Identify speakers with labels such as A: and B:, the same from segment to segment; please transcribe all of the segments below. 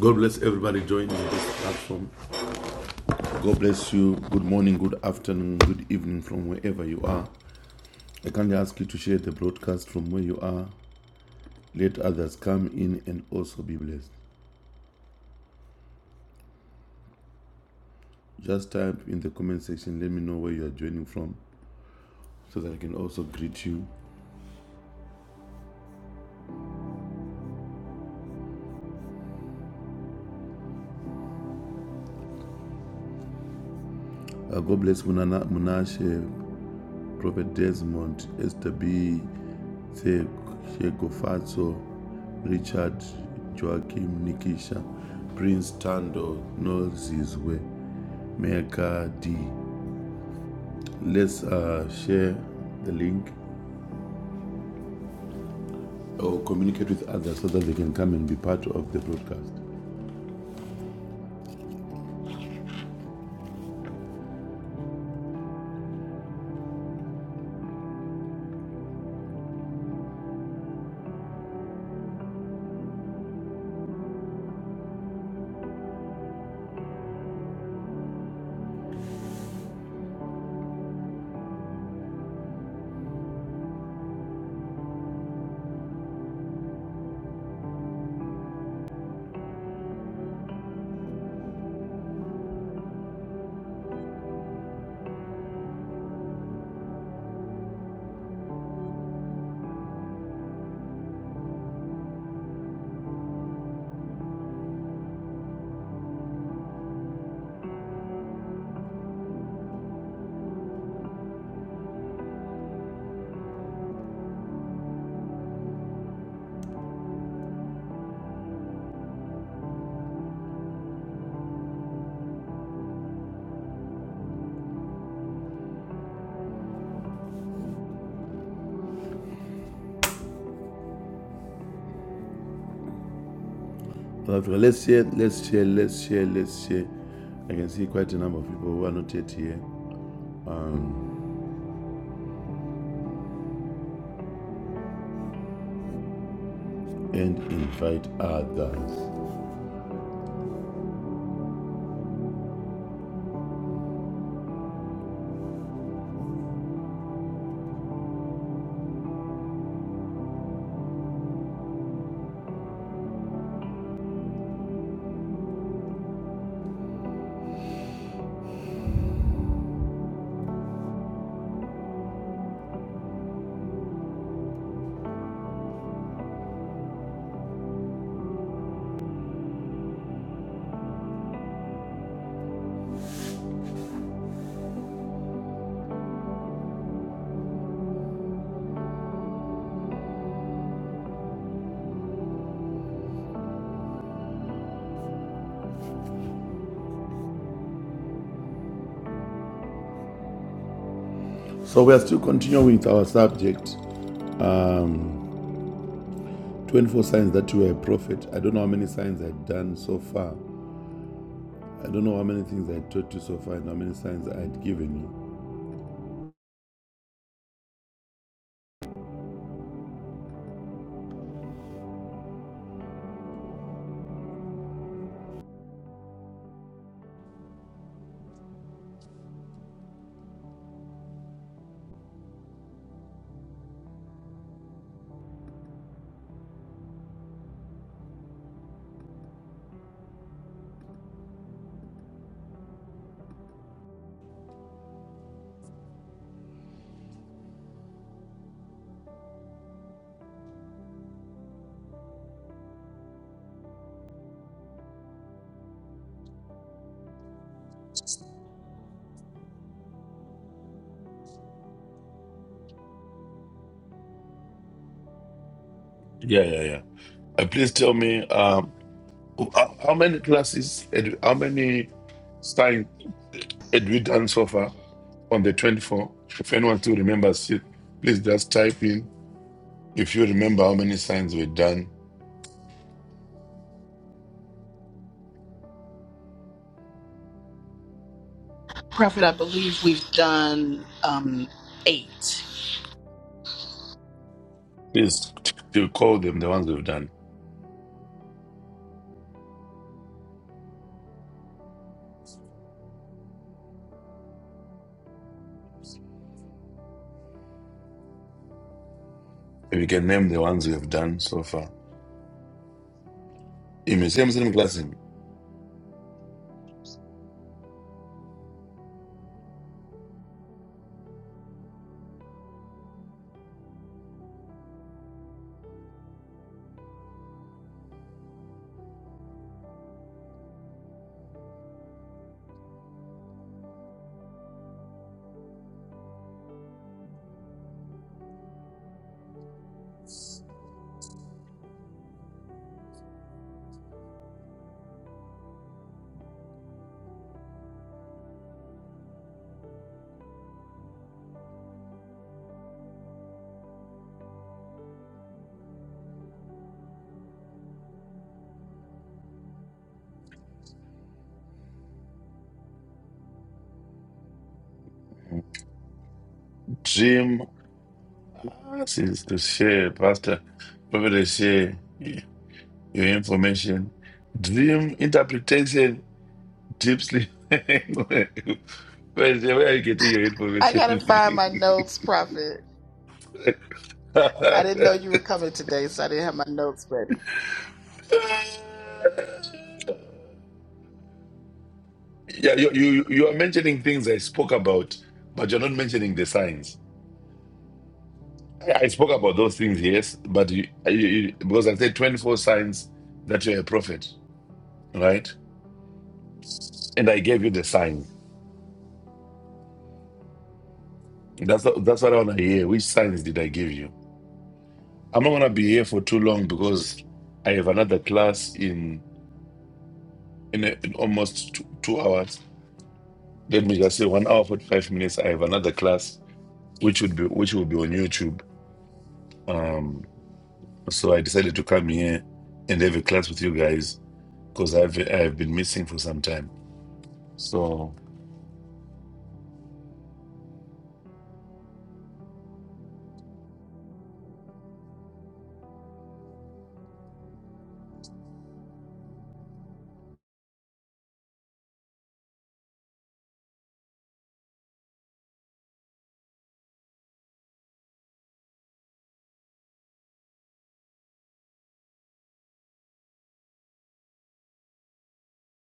A: God bless everybody joining this platform. God bless you. Good morning, good afternoon, good evening from wherever you are. I kindly ask you to share the broadcast from where you are. Let others come in and also be blessed. Just type in the comment section, let me know where you are joining from so that I can also greet you. Uh, God bless Munana, Munashe, Prophet Desmond, Esther B, Shego Richard, Joachim, Nikisha, Prince Tando, Nozizwe. Mekadi. Let's uh, share the link or communicate with others so that they can come and be part of the broadcast. let's share, let's share, let's share, let's share. I can see quite a number of people who are not yet here and invite others. So we are still continuing with our subject. Um, 24 signs that you are a prophet. I don't know how many signs I've done so far. I don't know how many things I taught you so far and how many signs I had given you. Yeah, yeah, yeah. Uh, please tell me. Um, How how many classes, had- how many signs had we done so far on the 24? If anyone still remembers it, please just type in. If you remember how many signs we've done,
B: Prophet, I believe we've done um, eight.
A: please t- t- call them the ones we've done. And we can name the ones we have done so far. In the same same class, in Jim asks to share, Pastor, probably share your information. Dream interpretation Gypsy language. Wait, where you get to your
B: I gotta
A: information?
B: find my notes, Prophet.
A: yeah,
B: I didn't know you were coming today, so I didn't have my notes ready.
A: you, you you are mentioning things I spoke about, but you're not mentioning the signs. I, I spoke about those things, yes, but you, you, you, because I said 24 signs that you're a prophet, right? And I gave you the sign. That's what- that's what I want to hear. Which signs did I give you? I'm not going to be here for too long because I have another class in in, in almost two, two hours. Let me just say one hour forty five minutes. I have another class which would be which will be on YouTube. So I decided to come here and have a class with you guys because I've I've been missing for some time. So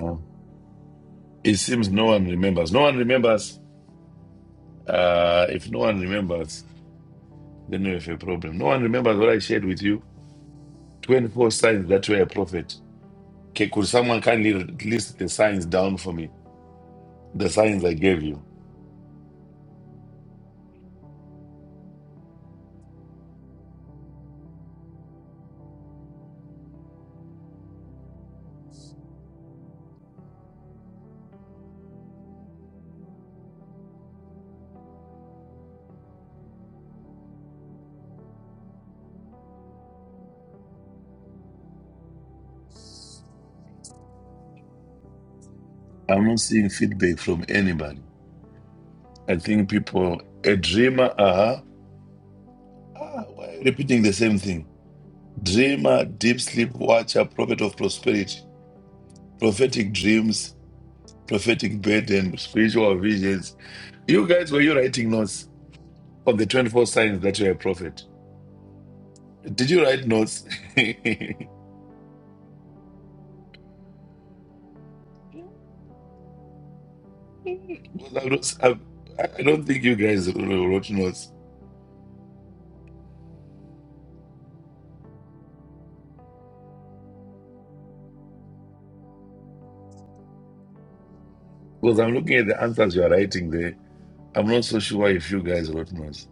A: uh, it seems no one remembers. No one remembers. Uh, if no one remembers, then we have a problem. No one remembers what I shared with you. Twenty four signs that were a prophet. Okay, could someone kindly list the signs down for me? The signs I gave you. I'm not seeing feedback from anybody. I think people, a dreamer, uh ah, why repeating the same thing. Dreamer, deep sleep watcher, prophet of prosperity, prophetic dreams, prophetic burden, spiritual visions. You guys, were you writing notes on the 24 signs that you're a prophet? Did you write notes? Because I'm not, I'm, I am not i i do not think you guys wrote notes. Because I'm looking at the answers you're writing there. I'm not so sure if you guys wrote notes.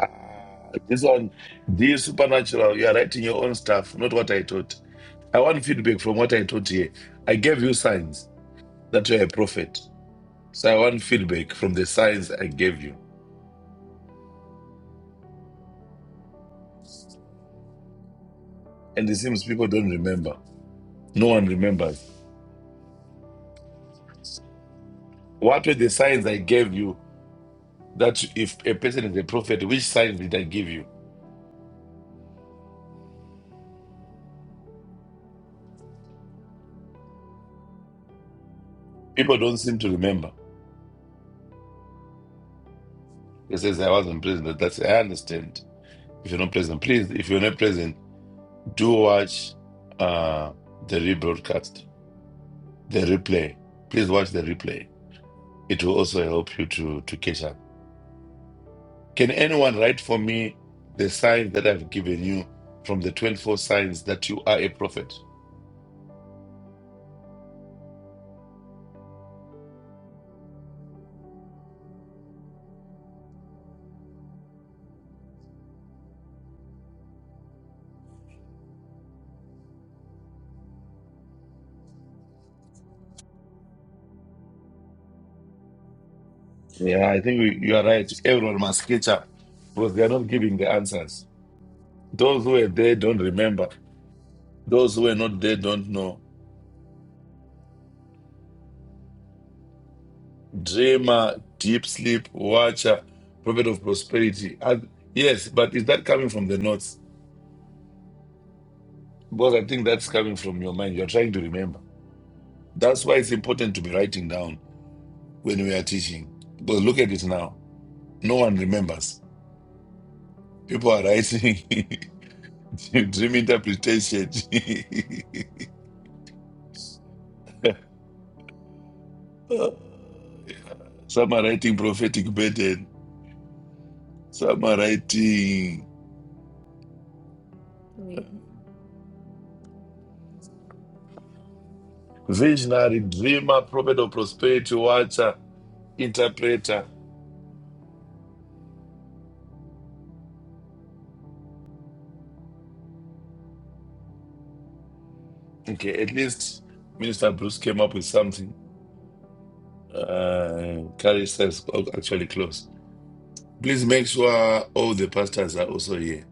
A: Ah, this one, this supernatural, you are writing your own stuff, not what I taught. I want feedback from what I taught here. I gave you signs that you're a prophet. So I want feedback from the signs I gave you. And it seems people don't remember. No one remembers. What were the signs I gave you that if a person is a prophet, which signs did I give you? People don't seem to remember. They says I wasn't present. That's I understand. If you're not present, please, if you're not present, do watch uh the rebroadcast. the replay. Please watch the replay. It will also help you to, to catch up. Can anyone write for me the signs that I've given you from the 24 signs that you are a prophet? Yeah, I think we, you are right. Everyone must catch up because they are not giving the answers. Those who are there don't remember. Those who are not there don't know. Dreamer, deep sleep, watcher, prophet of prosperity. And yes, but is that coming from the notes? Because I think that's coming from your mind. You're trying to remember. That's why it's important to be writing down when we are teaching. Because look at it now. No one remembers. People are writing dream interpretation. some are writing prophetic burden. Some are writing visionary, dreamer, prophet of prosperity, watcher, interpreter. Okay, at least Minister Bruce came up with something. Uh, Carrie says, oh, actually, close. Please make sure all the pastors are also here.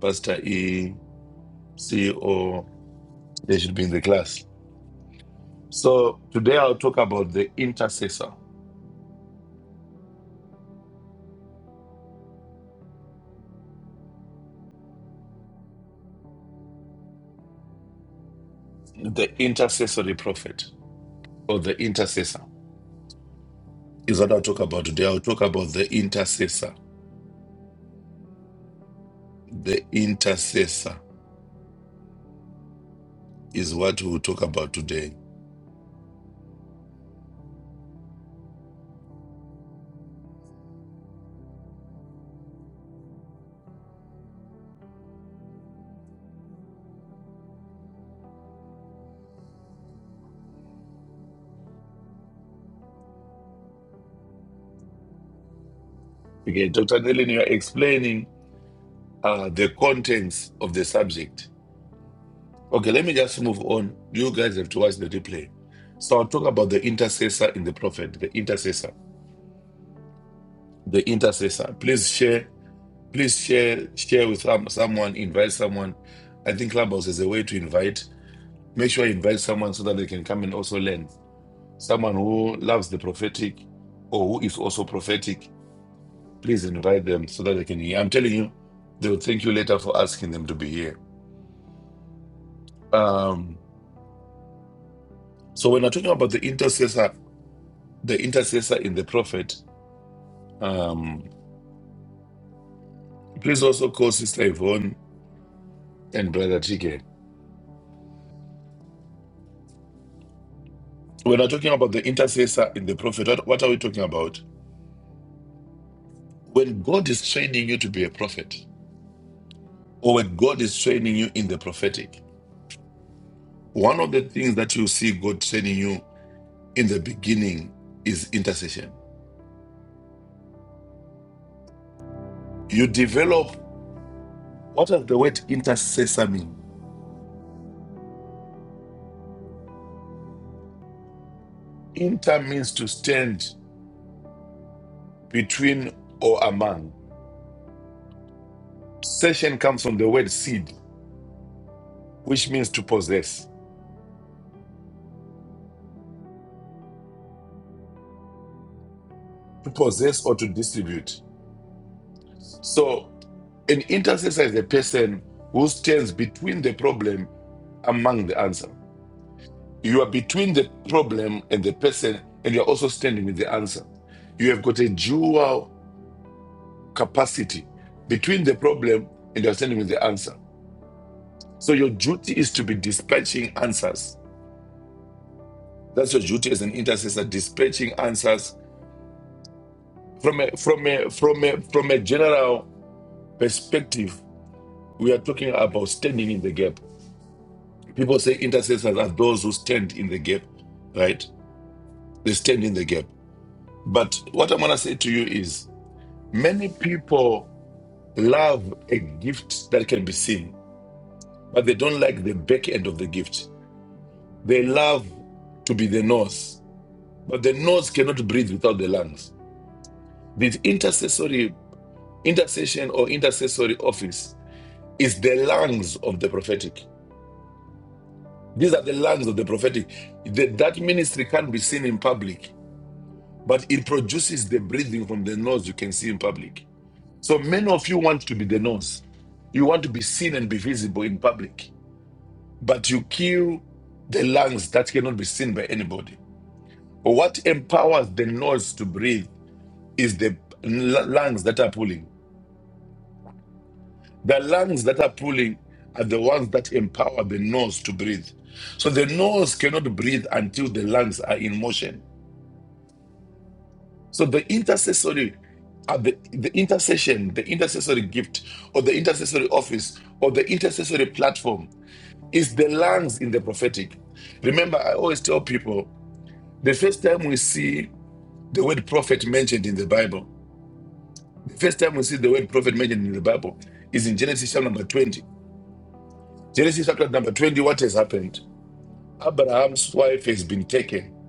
A: Pastor E, CEO, they should be in the class. So today I'll talk about the intercessor, the intercessory prophet, or the intercessor is what I'll talk about today. I'll talk about the intercessor. The intercessor is what we'll talk about today. Okay, Dr. Nellin, you're explaining uh, the contents of the subject. Okay, let me just move on. You guys have to watch the replay. So I'll talk about the intercessor in the prophet, the intercessor. The intercessor. Please share Please share share with some, someone, invite someone. I think Clubhouse is a way to invite. Make sure you invite someone so that they can come and also learn. Someone who loves the prophetic or who is also prophetic, please invite them so that they can hear. I'm telling you, they will thank you later for asking them to be here. Um, so when I'm talking about the intercessor, the intercessor in the prophet, um, please also call Sister Yvonne and Brother Chike. When I'm talking about the intercessor in the prophet, what, what are we talking about? When God is training you to be a prophet, or when God is training you in the prophetic, one of the things that you see God training you in the beginning is intercession. You develop what does the word intercessor mean? Inter means to stand between or among. Session comes from the word seed, which means to possess, to possess or to distribute. So an intercessor is a person who stands between the problem among the answer. You are between the problem and the person, and you're also standing with the answer. You have got a dual capacity between the problem and you're standing with the answer. So your duty is to be dispatching answers. That's your duty as an intercessor, dispatching answers from a from a from a from a general perspective. We are talking about standing in the gap. People say intercessors are those who stand in the gap, right? They stand in the gap. But what I'm gonna say to you is many people love a gift that can be seen, but they don't like the back end of the gift. They love to be the nose, but the nose cannot breathe without the lungs. The intercessory intercession or intercessory office is the lungs of the prophetic. These are the lungs of the prophetic. That that ministry can't be seen in public, but it produces the breathing from the nose you can see in public. So many of you want to be the nose. You want to be seen and be visible in public but you kill the lungs that cannot be seen by anybody. What empowers the nose to breathe is the lungs that are pulling. The lungs that are pulling are the ones that empower the nose to breathe. So the nose cannot breathe until the lungs are in motion. So the intercessory uh, the, the intercession, the intercessory gift, or the intercessory office, or the intercessory platform is the lungs in the prophetic. Remember, I always tell people the first time we see the word prophet mentioned in the Bible. The first time we see the word prophet mentioned in the Bible is in Genesis chapter number 20. Genesis chapter number 20, what has happened? Abraham's wife has been taken.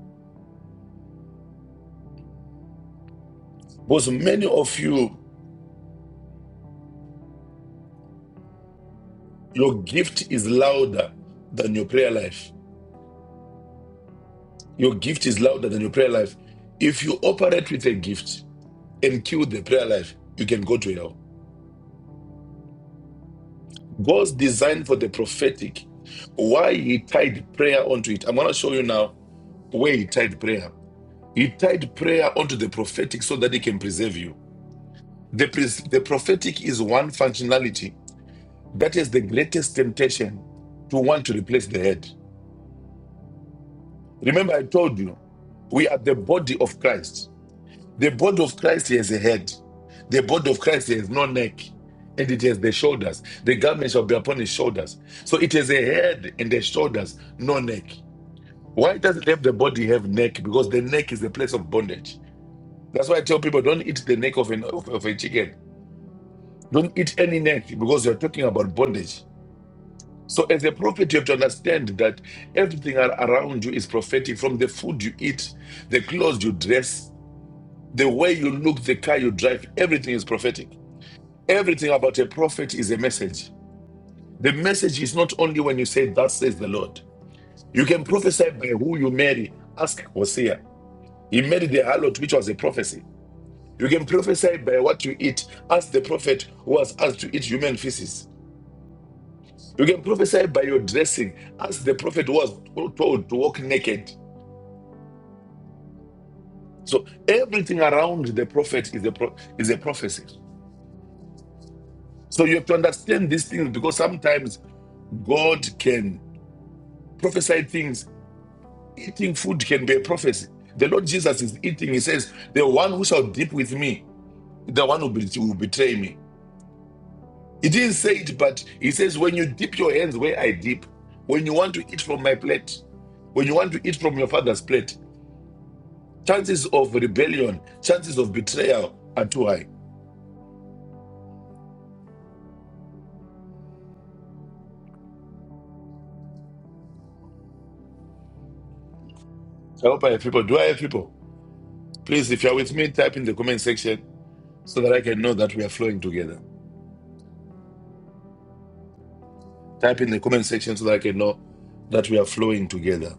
A: Because many of you, your gift is louder than your prayer life. Your gift is louder than your prayer life. If you operate with a gift and kill the prayer life, you can go to hell. God's design for the prophetic, why he tied prayer onto it. I'm going to show you now where he tied prayer. He tied prayer onto the prophetic so that he can preserve you. The, pres- the prophetic is one functionality that is the greatest temptation to want to replace the head. Remember, I told you, we are the body of Christ. The body of Christ has a head, the body of Christ has no neck, and it has the shoulders. The garment shall be upon his shoulders. So it has a head and the shoulders, no neck. Why doesn't have the body have neck? Because the neck is the place of bondage. That's why I tell people don't eat the neck of, an, of of a chicken Don't eat any neck because you're talking about bondage. So, as a prophet, you have to understand that everything ar- around you is prophetic from the food you eat, the clothes you dress, the way you look, the car you drive, everything is prophetic. Everything about a prophet is a message. The message is not only when you say, That says the Lord. You can prophesy by who you marry. Ask Hosea. He married the harlot, which was a prophecy. You can prophesy by what you eat. Ask the prophet who was asked to eat human feces. You can prophesy by your dressing, as the prophet was told to walk naked. So everything around the prophet is a pro- is a prophecy. So you have to understand these things because sometimes God can prophesy things. Eating food can be a prophecy. The Lord Jesus is eating. He says, "The one who shall dip with me, the one who bet- will betray me." He didn't say it, but he says, "When you dip your hands where I dip, when you want to eat from my plate, when you want to eat from your father's plate, Chances of rebellion, chances of betrayal are too high. I hope I have people. Do I have people? Please, if you're with me, type in the comment section so that I can know that we are flowing together. Type in the comment section so that I can know that we are flowing together.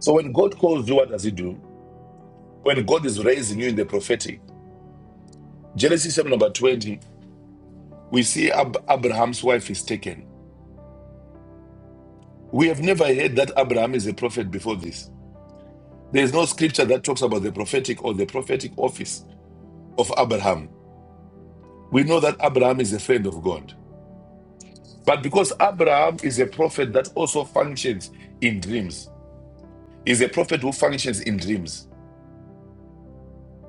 A: So when God calls you, what does he do? When God is raising you in the prophetic, Genesis 7 number 20, we see Ab- Abraham's wife is taken. We have never heard that Abraham is a prophet before this. There is no scripture that talks about the prophetic or the prophetic office of Abraham. We know that Abraham is a friend of God. But because Abraham is a prophet that also functions in dreams, is a prophet who functions in dreams,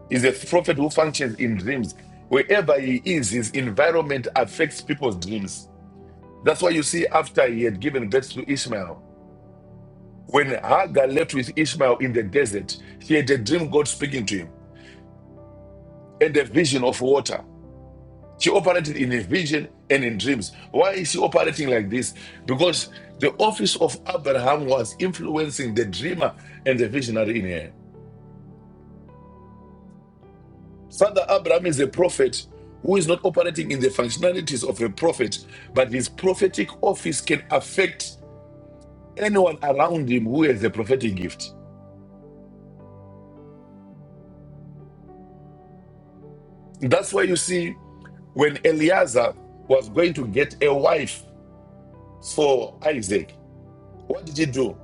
A: is a prophet who functions in dreams. Wherever he is, his environment affects people's dreams. That's why you see, after he had given birth to Ishmael, when Hagar left with Ishmael in the desert, she had a dream God speaking to him and a vision of water. She operated in a vision and in dreams. Why is she operating like this? Because the office of Abraham was influencing the dreamer and the visionary in her. Father Abraham is a prophet who is not operating in the functionalities of a prophet, but his prophetic office can affect anyone around him who has a prophetic gift. That's why you see when Eliezer was going to get a wife for Isaac, what did he do?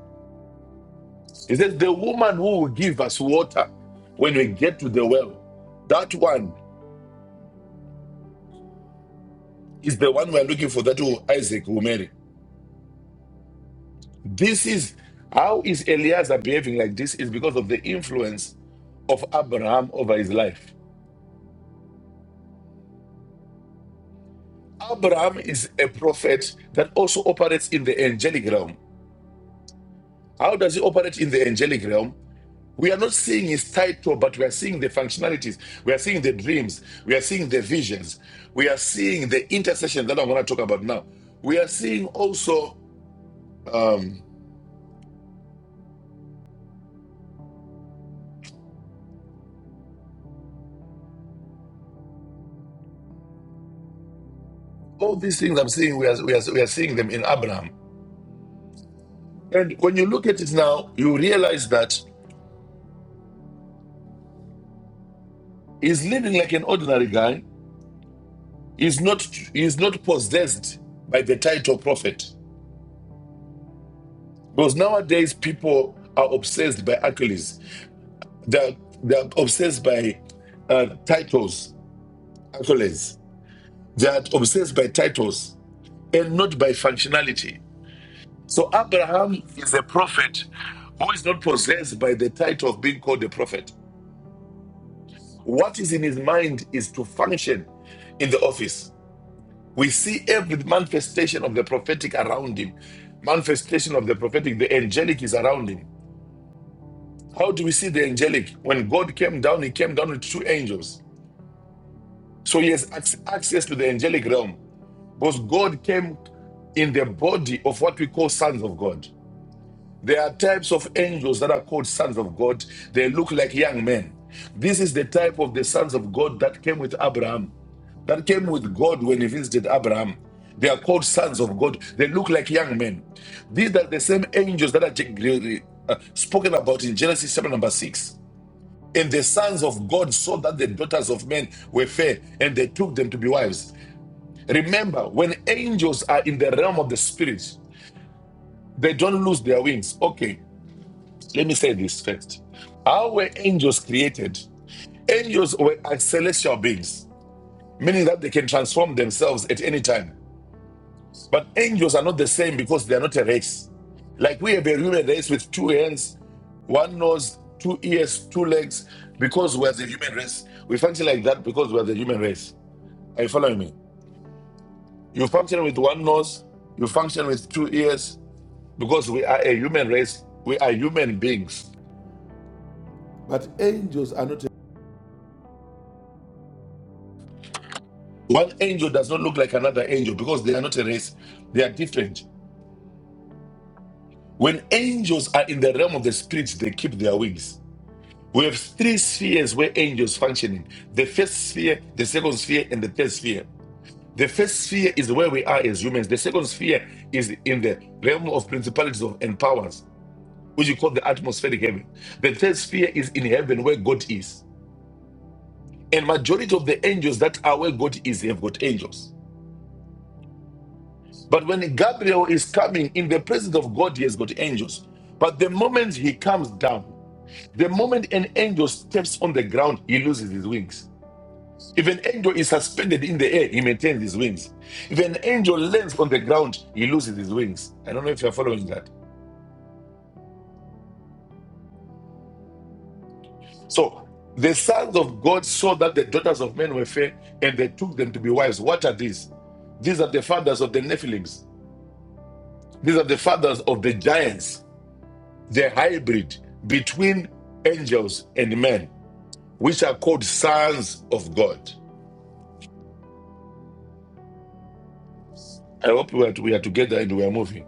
A: He says, The woman who will give us water when we get to the well, that one is the one we're looking for, that who Isaac will marry. This is how is Eliezer behaving like this is because of the influence of Abraham over his life. Abraham is a prophet that also operates in the angelic realm. How does he operate in the angelic realm? We are not seeing his title, but we are seeing the functionalities. We are seeing the dreams. We are seeing the visions. We are seeing the intercession that I'm going to talk about now. We are seeing also um, all these things I'm seeing, we are, we, are, we are seeing them in Abraham. And when you look at it now, you realize that he's living like an ordinary guy. He's not, he's not possessed by the title prophet. Because nowadays, people are obsessed by accolades, they're, they're obsessed by uh, titles. accolades. They are obsessed by titles and not by functionality. So Abraham is a prophet who is not possessed by the title of being called a prophet. What is in his mind is to function in the office. We see every manifestation of the prophetic around him. Manifestation of the prophetic, the angelic is around him. How do we see the angelic? When God came down, he came down with two angels. So he has access to the angelic realm. Because God came in the body of what we call sons of God. There are types of angels that are called sons of God. They look like young men. This is the type of the sons of God that came with Abraham, that came with God when he visited Abraham. They are called sons of God. They look like young men. These are the same angels that are uh, spoken about in Genesis chapter number 6. And the sons of God saw that the daughters of men were fair, and they took them to be wives. Remember, when angels are in the realm of the spirit, they don't lose their wings. Okay, let me say this first. How were angels created? Angels were are celestial beings, meaning that they can transform themselves at any time. But angels are not the same because they are not a race. Like we have a human race with two hands, one nose, two ears, two legs, because we're the human race. We function like that because we're the human race. Are you following me? You function with one nose, you function with two ears, because we are a human race, we are human beings. But angels are not. a One angel does not look like another angel because they are not a race, they are different. When angels are in the realm of the spirit, they keep their wings. We have three spheres where angels functioning the first sphere, the second sphere, and the third sphere. The first sphere is where we are as humans, the second sphere is in the realm of principalities of, and powers, which you call the atmospheric heaven. The third sphere is in heaven where God is. And majority of the angels that are where God is, they have got angels. But when Gabriel is coming in the presence of God, he has got angels. But the moment he comes down, the moment an angel steps on the ground, he loses his wings. If an angel is suspended in the air, he maintains his wings. If an angel lands on the ground, he loses his wings. I don't know if you're following that. So the sons of God saw that the daughters of men were fair, and they took them to be wives. What are these? These are the fathers of the Nephilims. These are the fathers of the giants, the hybrid between angels and men, which are called sons of God. I hope we are, we are together and we are moving.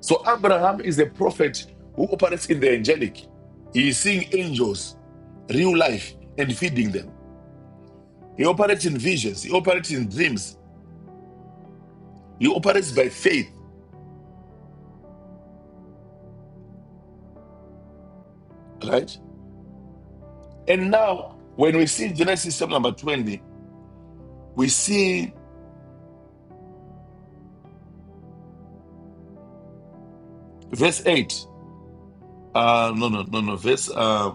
A: So, Abraham is a prophet who operates in the angelic. He is seeing angels, real life, and feeding them. He operates in visions, he operates in dreams, he operates by faith, right? And now, when we see Genesis chapter number 20, we see verse 8. Uh, no, no, no, no, verse. uh,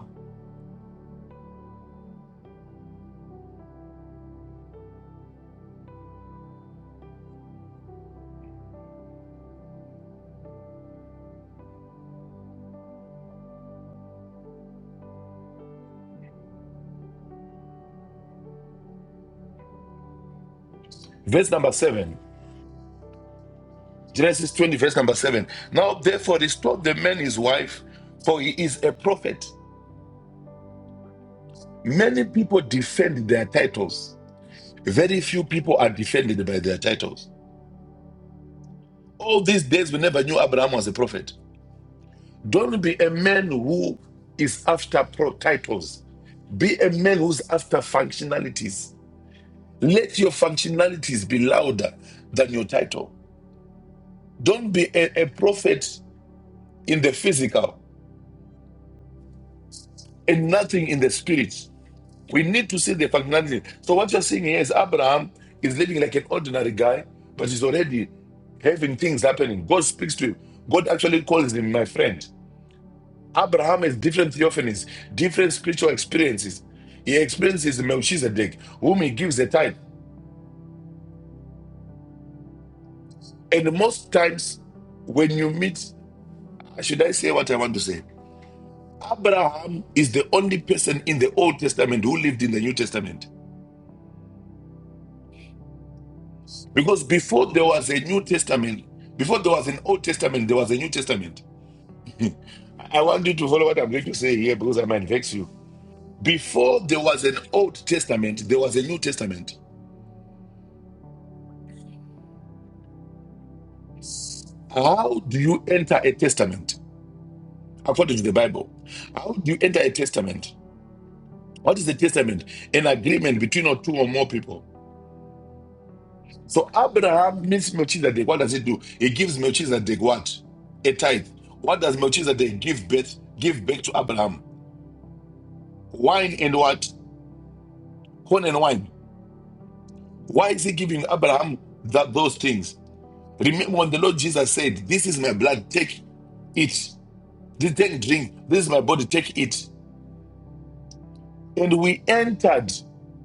A: Verse number seven. Genesis 20, verse number seven. Now, therefore, restore the man his wife, for he is a prophet. Many people defend their titles. Very few people are defended by their titles. All these days, we never knew Abraham was a prophet. Don't be a man who is after titles. Be a man who's after functionalities. Let your functionalities be louder than your title. Don't be a, a prophet in the physical and nothing in the spirit. We need to see the functionality. So what you're seeing here is Abraham is living like an ordinary guy, but he's already having things happening. God speaks to him. God actually calls him my friend. Abraham has different theophanies, different spiritual experiences. He experiences Melchizedek, whom he gives a tithe. And most times, when you meet, should I say what I want to say? Abraham is the only person in the Old Testament who lived in the New Testament. Because before there was a New Testament, before there was an Old Testament, there was a New Testament. I want you to follow what I'm going to say here because I might vex you. Before there was an Old Testament, there was a New Testament. How do you enter a testament? According to the Bible, how do you enter a testament? What is a testament? An agreement between or two or more people. So Abraham meets Melchizedek. What does he do? He gives Melchizedek what? A tithe. What does Melchizedek give birth? Give back to Abraham? Wine and what? corn and wine. Why is he giving Abraham that those things? Remember when the Lord Jesus said, This is my blood, take it. This- Take drink. This is my body, take it. And we entered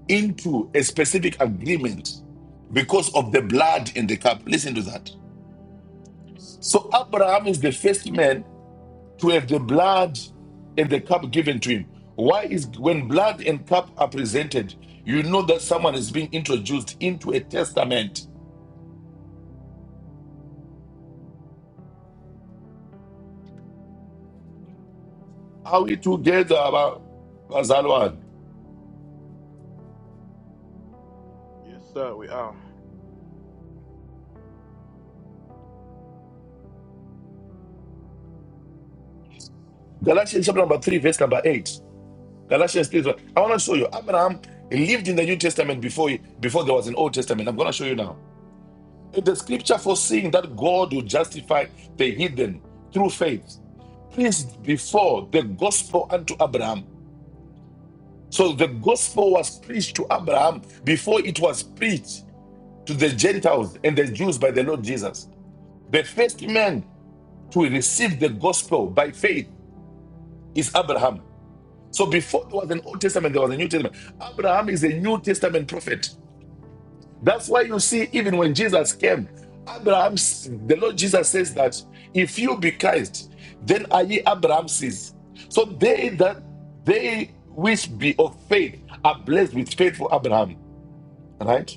A: into a specific agreement because of the blood in the cup. Listen to that. So Abraham is the first man to have the blood and the cup given to him. Why is when blood and cup are presented, you know that someone is being introduced into a testament Are we together, Ba- Pastor Alwan?
C: Yes, sir, we are.
A: Galatians chapter number 3, verse number 8. Galatians 3. I want to show you. Abraham lived in the New Testament before, he, before there was an Old Testament. I'm going to show you now. The scripture foreseeing that God will justify the heathen through faith preached before the gospel unto Abraham. So the gospel was preached to Abraham before it was preached to the Gentiles and the Jews by the Lord Jesus. The first man to receive the gospel by faith is Abraham. So before there was an Old Testament, there was a New Testament. Abraham is a New Testament prophet. That's why you see, even when Jesus came, Abraham, the Lord Jesus says that if you be Christ, then are ye Abraham's seeds. So they that they which be of faith are blessed with faithful Abraham. Right?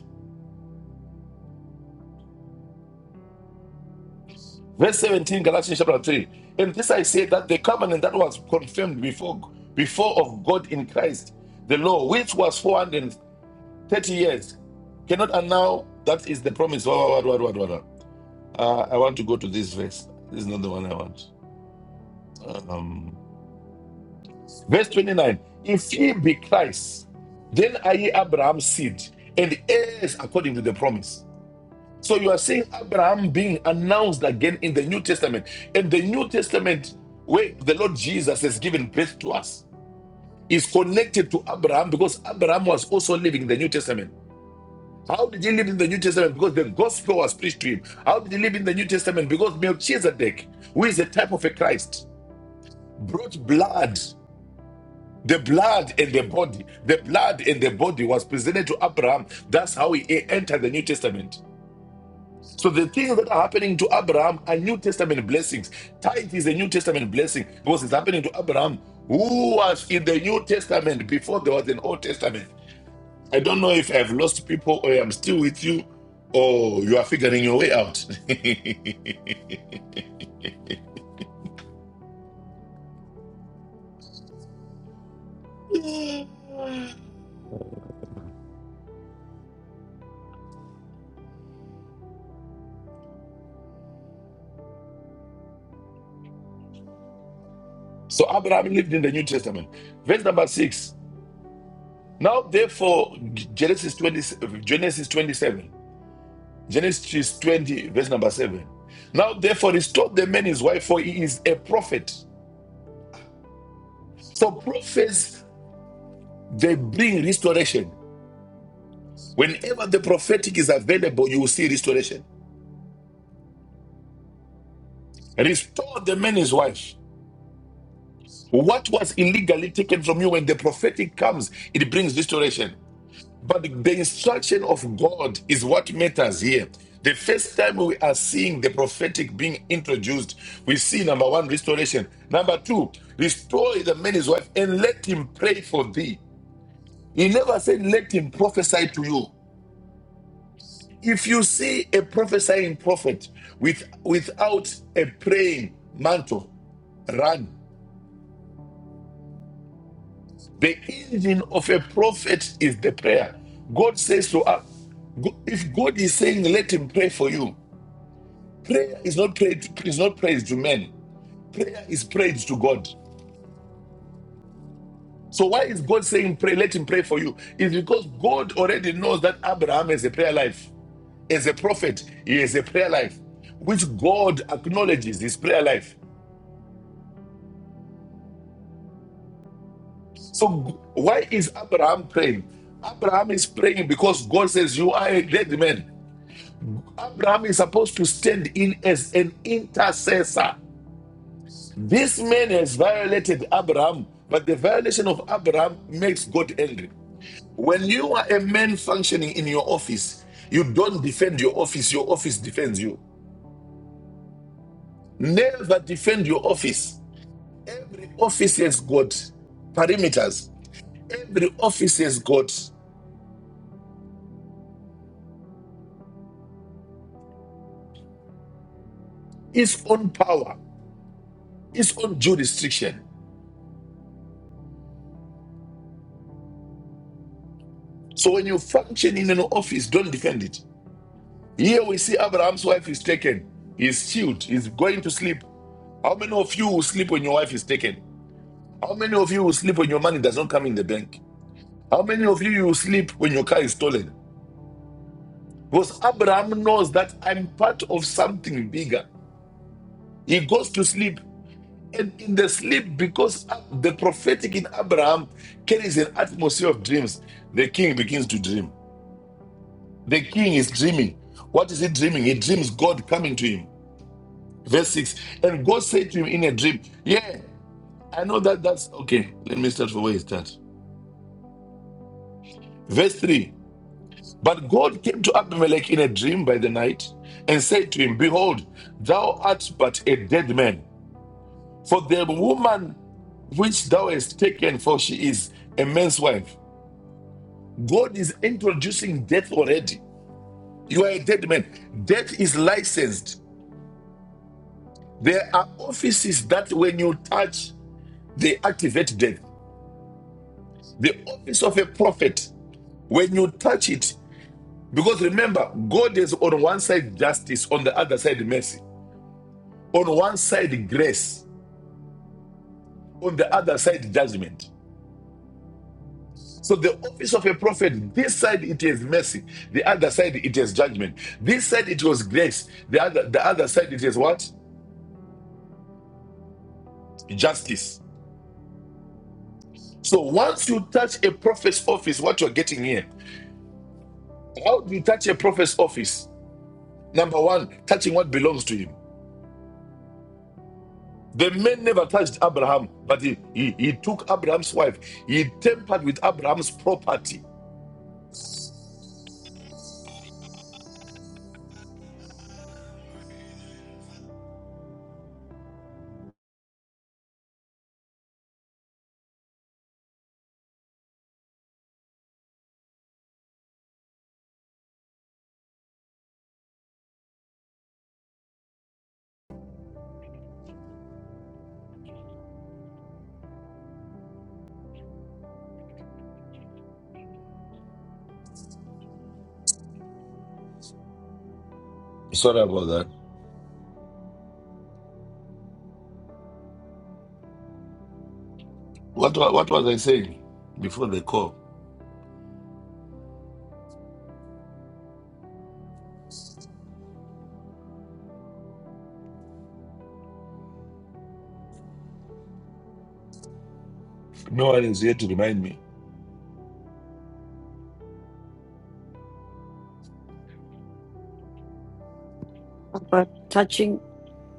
A: Verse 17, Galatians chapter 3. And this I say that the covenant that was confirmed before before of God in Christ, the law, which was four hundred. 30 years. Cannot annul. That is the promise. Wa- wa- wa- wa- wa- wa- Uh, I want to go to this verse. This is not the one I want. Um, verse 29. If ye be Christ, then are ye Abraham's seed and heirs according to the promise. So you are seeing Abraham being announced again in the New Testament. And the New Testament, where the Lord Jesus has given birth to us, is connected to Abraham because Abraham was also living the New Testament. How did he live in the New Testament? Because the gospel was preached to him. How did he live in the New Testament? Because Melchizedek, who is a type of a Christ, brought blood. The blood and the body. The blood and the body was presented to Abraham. That's how he entered the New Testament. So the things that are happening to Abraham are New Testament blessings. Tithe is a New Testament blessing because it's happening to Abraham, who was in the New Testament before there was an Old Testament. I don't know if I've lost people or I'm still with you or you are figuring your way out. so Abraham lived in the New Testament. Verse number six. Now, therefore, Genesis 20, Genesis 27, Genesis 20, verse number seven. Now, therefore, restore the man his wife, for he is a prophet. So, prophets, they bring restoration. Whenever the prophetic is available, you will see restoration. Restore the man his wife. What was illegally taken from you when the prophetic comes, it brings restoration. But the instruction of God is what matters here. The first time we are seeing the prophetic being introduced, we see number one, restoration. Number two, restore the man's wife and let him pray for thee. He never said, let him prophesy to you. If you see a prophesying prophet with, without a praying mantle, run. The engine of a prophet is the prayer. God says to us, go- if God is saying, let him pray for you, prayer is not praise, is not praise to men. Prayer is praise to God. So why is God saying pray, let him pray for you? It's because God already knows that Abraham has a prayer life. As a prophet, he has a prayer life, which God acknowledges his prayer life. So g- why is Abraham praying? Abraham is praying because God says, You are a dead man. Abraham is supposed to stand in as an intercessor. This man has violated Abraham, but the violation of Abraham makes God angry. When you are a man functioning in your office, you don't defend your office, your office defends you. Never defend your office. Every office has got perimeters, every office has got its own power, its own jurisdiction. So when you function in an office, don't defend it. Here we see Abraham's wife is taken. He's chilled. He's going to sleep. How many of you will sleep when your wife is taken? How many of you will sleep when your money does not come in the bank? How many of you will sleep when your car is stolen? Because Abraham knows that I'm part of something bigger. He goes to sleep. And in the sleep, because the prophetic in Abraham carries an atmosphere of dreams, the king begins to dream. The king is dreaming. What is he dreaming? He dreams God coming to him. Verse 6. And God said to him in a dream, Yeah, I know that that's okay. Let me start from where he starts. Verse 3. But God came to Abimelech in a dream by the night and said to him, Behold, thou art but a dead man. For the woman which thou hast taken, for she is a man's wife. God is introducing death already. You are a dead man. Death is licensed. There are offices that when you touch, they activate death. The office of a prophet When you touch it, because remember, God is on one side justice, on the other side mercy, on one side grace, on the other side judgment. So the office of a prophet, this side it is mercy, the other side it is judgment. This side it was grace, the other the other side it is what? Justice. So once you touch a prophet's office, what you're getting here, how do you touch a prophet's office? Number one, touching what belongs to him. The man never touched Abraham, but he, he, he took Abraham's wife. He tampered with Abraham's property. Sorry about that. What, what was I saying before the call? No one is here to remind me.
D: About touching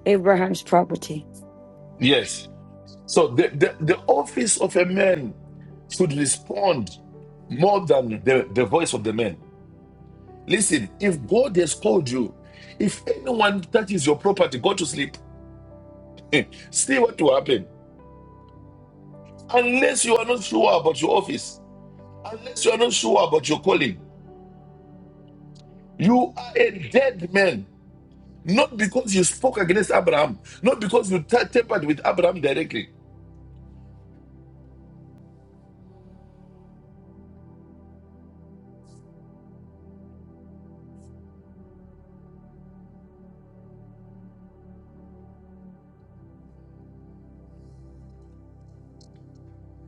D: Abraham's property.
A: Yes. So the, the, the office of a man should respond more than the, the voice of the man. Listen, if God has called you, if anyone touches your property, go to sleep. See what will happen. Unless you are not sure about your office, unless you are not sure about your calling, You are a dead man. Not because you spoke against Abraham, not because you t- tampered with Abraham directly.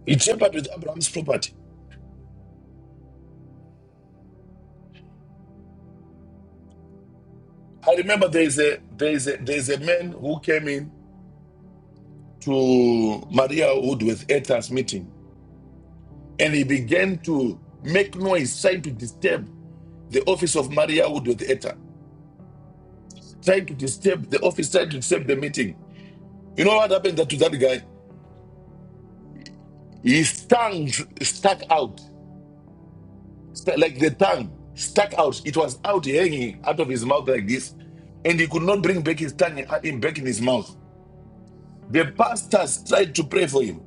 A: You tampered with Abraham's property. I remember there is a there is a there is a man who came in to Maria Wood with Ethan's meeting, and he began to make noise, trying to disturb the office of Maria Wood with Ethan, trying to disturb the office, trying to disturb the meeting. You know what happened to that guy? His tongue stuck out. St- like the tongue stuck out. It was out hanging out of his mouth like this, and he could not bring back his tongue uh, in- back in his mouth. The pastors tried to pray for him.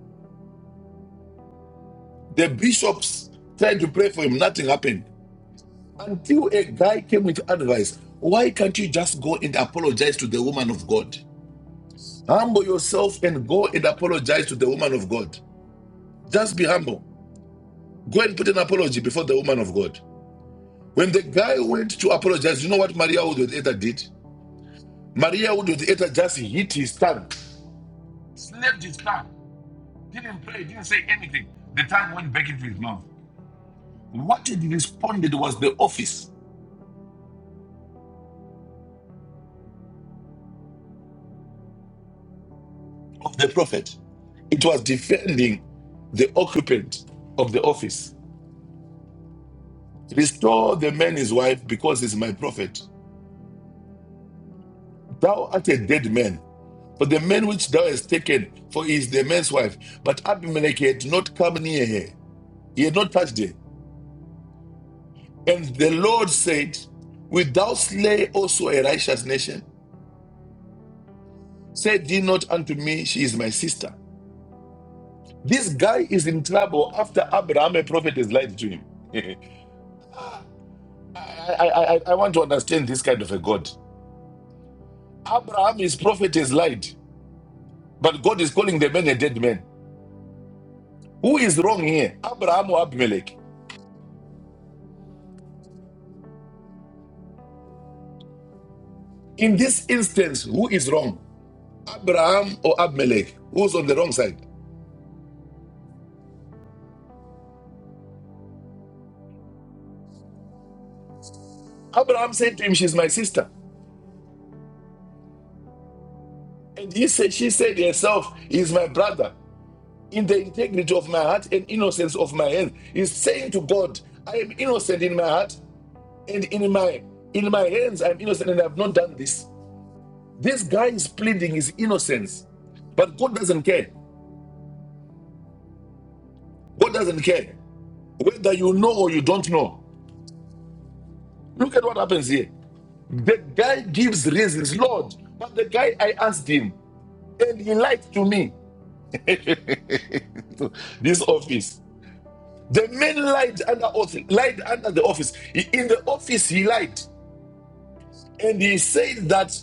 A: The bishops tried to pray for him. Nothing happened until a guy came with advice. Why can't you just go and apologize to the woman of God? Humble yourself and go and apologize to the woman of God. Just be humble. Go and put an apology before the woman of God. When the guy went to apologize, you know what Maria Odeta did? Maria, who was ate just hit his tongue, slapped his tongue, didn't pray, didn't say anything. No. What it responded was the office of the prophet. It was defending the occupant of the office. Restore the man his wife because he's my prophet. Thou art a dead man, for the man which thou hast taken, for he is the man's wife. But Abimelech had not come near her, he had not touched her. And the Lord said, Wilt thou slay also a righteous nation? Said ye not unto me, She is my sister. This guy is in trouble after Abraham, a prophet, has lied to him. I, I, I, I want to understand this kind of a God. Abraham, his prophet, has lied, but God is calling the man a dead man. Who is wrong here, Abraham or Abimelech? In this instance, who is wrong, Abraham or Abimelech? Who's on the wrong side? Abraham said to him, She's my sister. And he said, She said herself, He's my brother. in the integrity of my heart and innocence of my hands. He's saying to God, I am innocent in my heart and in my in my hands I'm innocent and I've not done this. This guy is pleading his innocence, but God doesn't care. God doesn't care whether you know or you don't know. Look at what happens here. The guy gives reasons, Lord, but the guy I asked him and he lied to me. this office. The man lied under oath, lied under the office. He- In the office, he lied. And he said that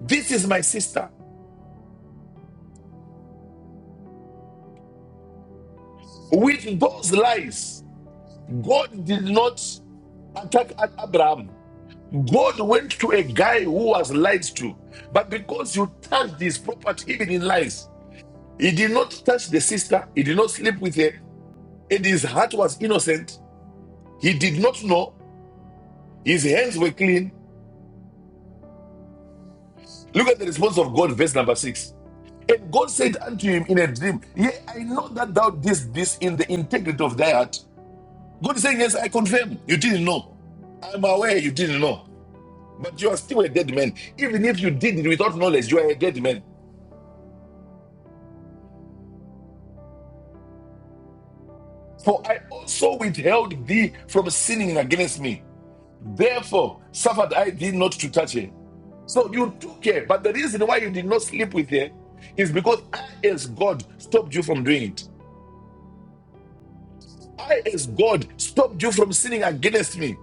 A: this is my sister. With those lies, God did not attack at Abraham. God went to a guy who was lied to. But because you touched his property, even in lies, he did not touch the sister, he did not sleep with her, and his heart was innocent. He did not know, his hands were clean. Look at the response of God, verse number six. And God said unto him in a dream, Yea, I know that thou didst this in the integrity of thy heart. God is saying, Yes, I confirm. You didn't know. I'm aware you didn't know. But you are still a dead man. Even if you did it without knowledge, you are a dead man. For I also withheld thee from sinning against me. Therefore, suffered I thee not to touch her. So you took her. But the reason why you did not sleep with her is because I, as God, stopped you from doing it. I, as God, stopped you from sinning against me.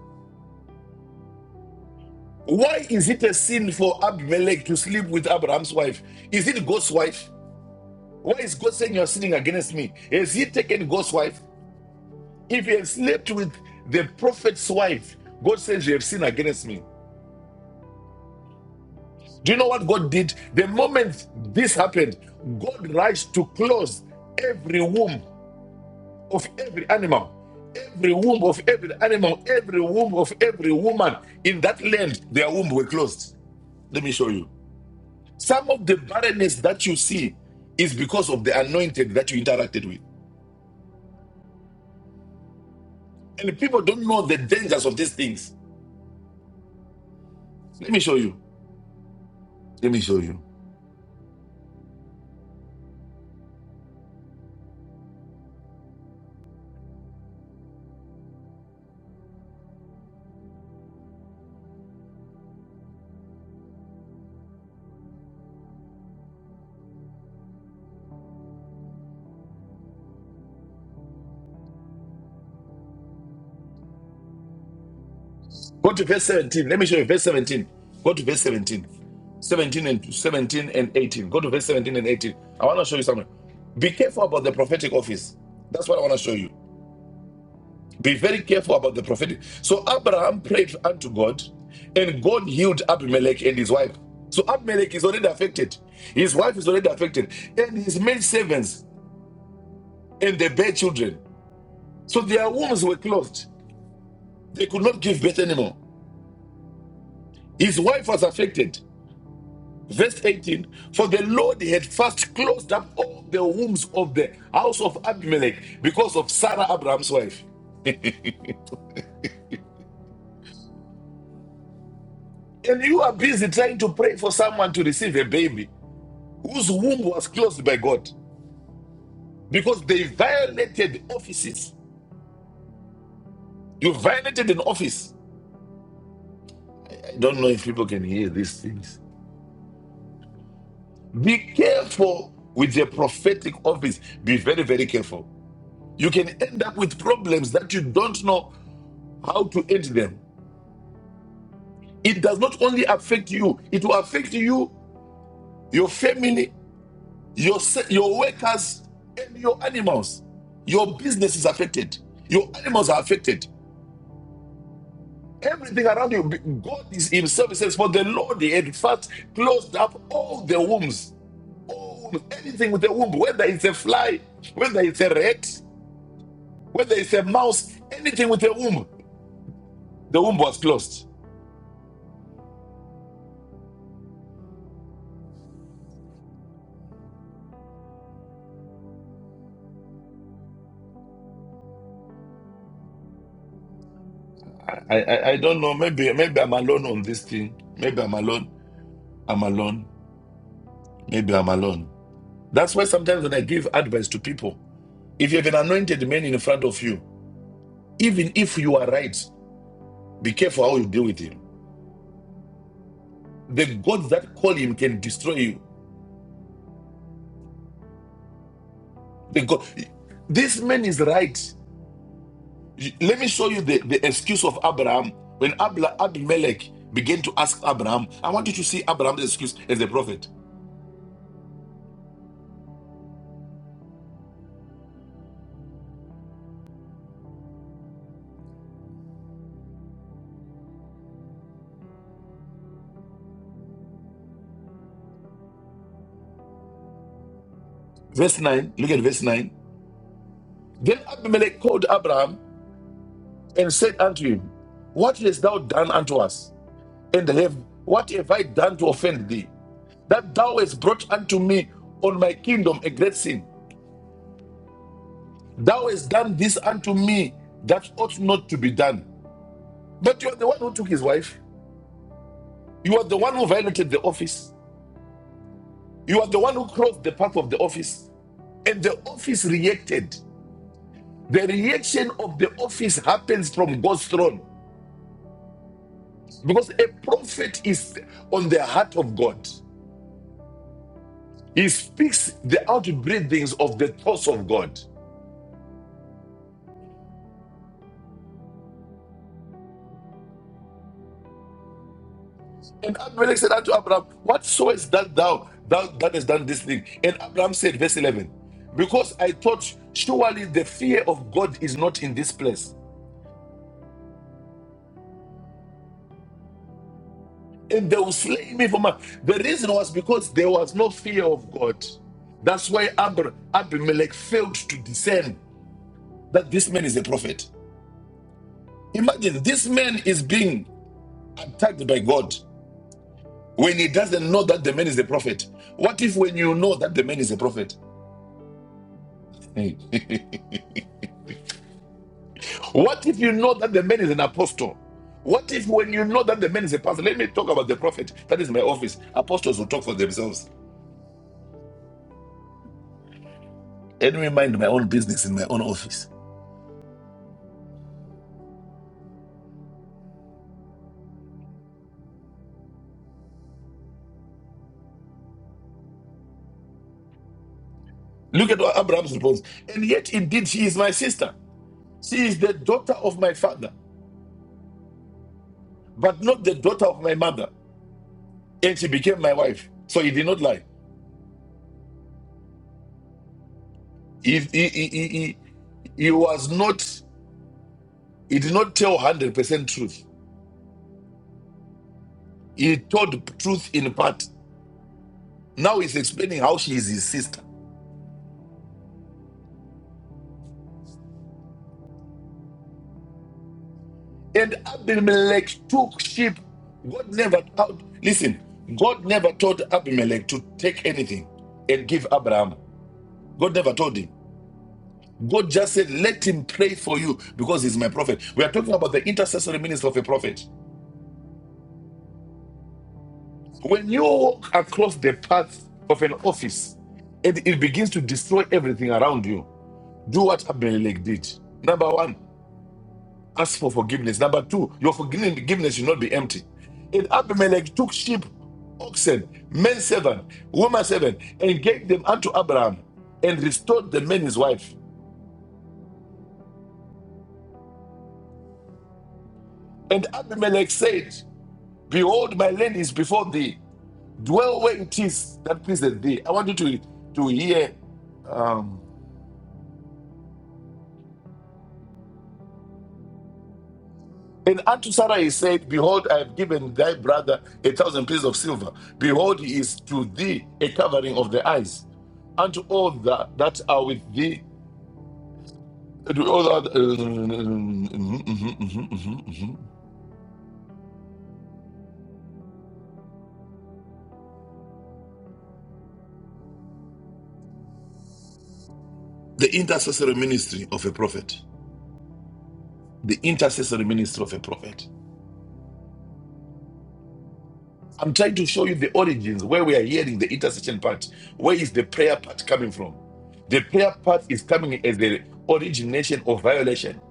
A: Why is it a sin for Abimelech to sleep with Abraham's wife? Is it God's wife? Why is God saying you're sinning against me? Has he taken God's wife? If he has slept with the prophet's wife, God says you have sinned against me. Do you know what God did? The moment this happened, God rushed to close every womb of every animal, every womb of every animal, every womb of every woman in that land, their womb were closed. Let me show you. Some of the barrenness that you see is because of the anointed that you interacted with. And people don't know the dangers of these things. Let me show you. Let me show you. Go to verse 17. Let me show you. Verse 17. Go to verse 17. 17 and 17 and 18. Go to verse 17 and 18. I want to show you something. Be careful about the prophetic office. That's what I want to show you. Be very careful about the prophetic. So Abraham prayed unto God, and God healed Abimelech and his wife. So Abimelech is already affected. His wife is already affected. And his maid servants and they bare children. So their wombs were closed. They could not give birth anymore. His wife was affected. Verse 18 For the Lord had first closed up all the wombs of the house of Abimelech because of Sarah, Abraham's wife. And you are busy trying to pray for someone to receive a baby whose womb was closed by God because they violated offices. You violated an office. I don't know if people can hear these things. Be careful with the prophetic office. Be very, very careful. You can end up with problems that you don't know how to end them It does not only affect you, it will affect you, your family, your, your workers, and your animals. Your business is affected. Your animals are affected. Everything around you, God is Himself says, For the Lord, He had first closed up all the wombs. All wombs, anything with a womb, whether it's a fly, whether it's a rat, whether it's a mouse, anything with a womb, the womb was closed. I, I, I don't know. Maybe maybe I'm alone on this thing. Maybe I'm alone. I'm alone. Maybe I'm alone. That's why sometimes when I give advice to people, if you have an anointed man in front of you, even if you are right, be careful how you deal with him. The gods that call him can destroy you. The God, this man is right. Let me show you the, the excuse of Abraham. When Abla, Abimelech began to ask Abraham, I want you to see Abraham's excuse as a prophet. Verse 9, look at verse 9. Then Abimelech called Abraham and said unto him, What hast thou done unto us? and heaven. What have I done to offend thee? That thou hast brought unto me on my kingdom a great sin. Thou hast done this unto me that ought not to be done. But you are the one who took his wife. You are the one who violated the office. You are the one who crossed the path of the office. And the office reacted. The reaction of the office happens from God's throne. Because a prophet is on the heart of God. He speaks the outbreathings of the thoughts of God. And Abimelech said unto Abraham, What so is that thou, thou that has done this thing? And Abraham said, verse 11, Because I thought, surely the fear of God is not in this place. And they will slay me for my. The reason was because there was no fear of God. That's why Abra- Abimelech failed to discern that this man is a prophet. Imagine this man is being attacked by God when he doesn't know that the man is a prophet. What if when you know that the man is a prophet? What if you know that the man is an apostle? What if when you know that the man is a pastor? Let me talk about the prophet. That is my office. Apostles will talk for themselves. Let me mind my own business in my own office. Look at what Abraham's response. And yet, indeed, she is my sister. She is the daughter of my father, but not the daughter of my mother. And she became my wife. So he did not lie. He, he, he, he, he he was not, he did not tell 100% truth. He told truth in part. Now he's explaining how she is his sister. And Abimelech took sheep. God never out. Listen, God never told Abimelech to take anything and give Abraham. God never told him. God just said, Let him pray for you because he's my prophet. We are talking about the intercessory ministry of a prophet. When you walk across the path of an office and it begins to destroy everything around you, do what Abimelech did. Number one. Ask for forgiveness. Number two, your forgiveness should not be empty. And Abimelech took sheep, oxen, men servant, woman servant, and gave them unto Abraham, and restored the man his wife. And Abimelech said, Behold, my land is before thee. Dwell where it is that pleaseth thee. I want you to, to hear um, And unto Sarah he said, Behold, I have given thy brother a thousand pieces of silver. Behold, he is to thee a covering of the eyes. Unto all that, that are with thee, to all that, uh, mhm, mhm, mhm, mhm, mhm. the intercessory ministry of a prophet. The intercessory ministry of a prophet. I'm trying to show you the origins where we are hearing the intercession part. Where is the prayer part coming from? The prayer part is coming as the origination of violation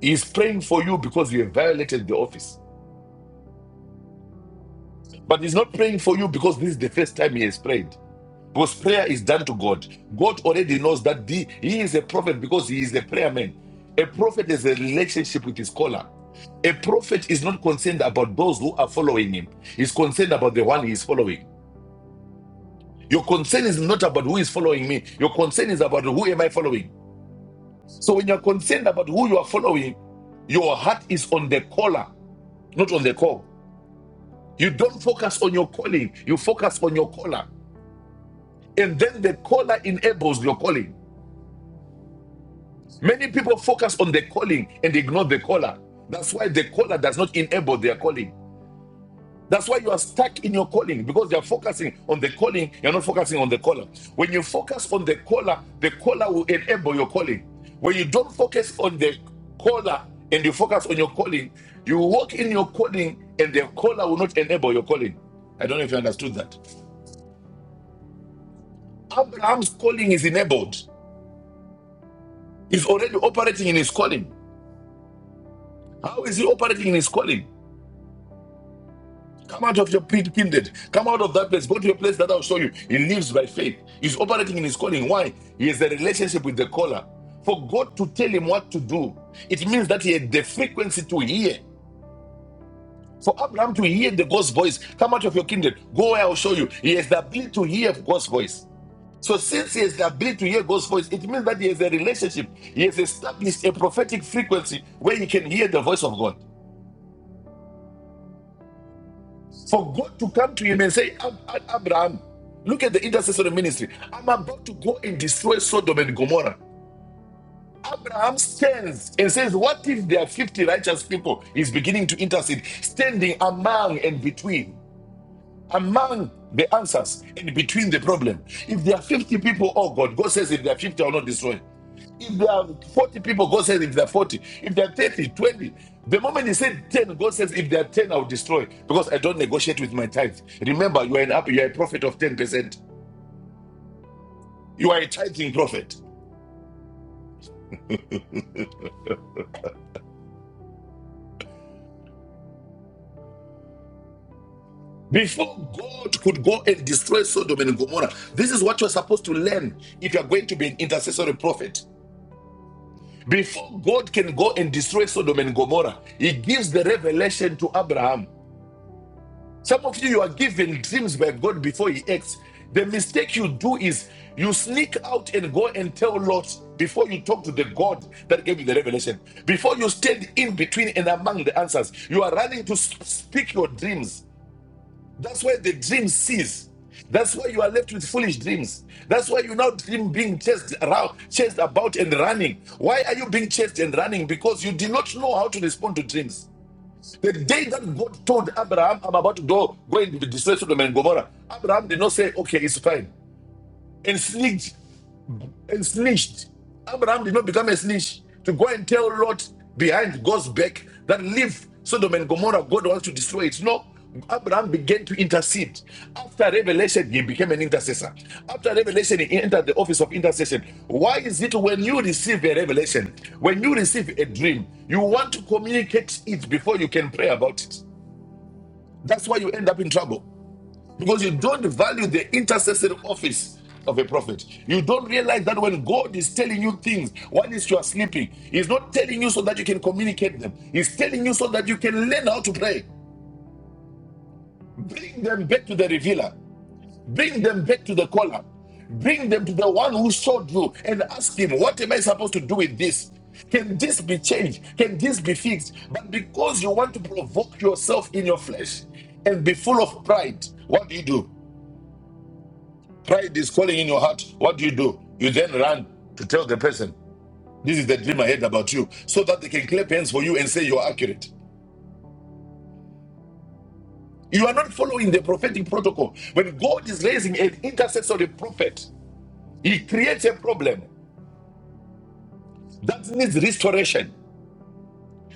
A: He's praying for you because you have violated the office. But he's not praying for you because this is the first time he has prayed. Because prayer is done to God. God already knows that the- he is a prophet because he is a prayer man. A prophet has a relationship with his caller. A prophet is not concerned about those who are following him, he's concerned about the one he is following. Your concern is not about who is following me. Your concern is about who am I following. So when you're concerned about who you are following, your heart is on the caller, not on the call. You don't focus on your calling, you focus on your caller. And then the caller enables your calling. Many people focus on the calling and ignore the caller. That's why the caller does not enable their calling. That's why you are stuck in your calling because you are focusing on the calling, you're not focusing on the caller. When you focus on the caller, the caller will enable your calling. When you don't focus on the caller and you focus on your calling, you walk in your calling and the caller will not enable your calling. I don't know if you understood that. Abraham's calling is enabled. He's already operating in his calling. How is he operating in his calling? Come out of your pit- kindred. Come out of that place. Go to a place that I'll show you. He lives by faith. He's operating in his calling. Why? He has a relationship with the caller. For God to tell him what to do, it means that he had the frequency to hear. For Abraham to hear the God's voice, come out of your kindred. Go where I'll show you. He has the ability to hear God's voice. So since he has the ability to hear God's voice, it means that he has a relationship. He has established a prophetic frequency where he can hear the voice of God. For God to come to him and say, "Ab- Ab- Abraham, look at the intercessory ministry. I'm about to go and destroy Sodom and Gomorrah. Abraham stands and says, What if there are 50 righteous people? He's beginning to intercede, standing among and between. among the answers and between the problem. If there are 50 people, oh God, God says if there are 50, I will not destroy. If there are 40 people, God says if there are 40. If there are 30, 20, The moment he said 10, God says if there are 10, I'll destroy because I don't negotiate with my tithe. Remember, you are an up, you are a prophet of 10%. You are a tithing prophet. Before God could go and destroy Sodom and Gomorrah, this is what you're supposed to learn if you're going to be an intercessory prophet. Before God can go and destroy Sodom and Gomorrah, He gives the revelation to Abraham. Some of you, you are given dreams by God before He acts. The mistake you do is you sneak out and go and tell Lot before you talk to the God that gave you the revelation. Before you stand in between and among the answers, you are running to speak your dreams. That's why the dream ceases. That's why you are left with foolish dreams. That's why you now dream being chased around, chased about and running. Why are you being chased and running? Because you did not know how to respond to dreams. The day that God told Abraham, I'm about to go, go and be displaced to the man Gomorrah, Abraham did not say, okay, it's fine, and sneaked and snitched. Abraham did not become a snitch to go and tell Lot behind God's back that leave Sodom and Gomorrah, God wants to destroy it. No, Abraham began to intercede. After revelation, he became an intercessor. After revelation, he entered the office of intercession. Why is it when you receive a revelation, when you receive a dream, you want to communicate it before you can pray about it? That's why you end up in trouble. Because you don't value the intercessory office of a prophet. You don't realize that when God is telling you things, one is you are sleeping. He's not telling you so that you can communicate them, He's telling you so that you can learn how to pray. Bring them back to the revealer, bring them back to the caller, bring them to the one who showed you and ask him, What am I supposed to do with this? Can this be changed? Can this be fixed? But because you want to provoke yourself in your flesh and be full of pride, what do you do? Pride is calling in your heart. What do you do? You then run to tell the person, This is the dream I had about you, so that they can clap hands for you and say you're accurate. You are not following the prophetic protocol. When God is raising an intercessory prophet, he creates a problem that needs restoration.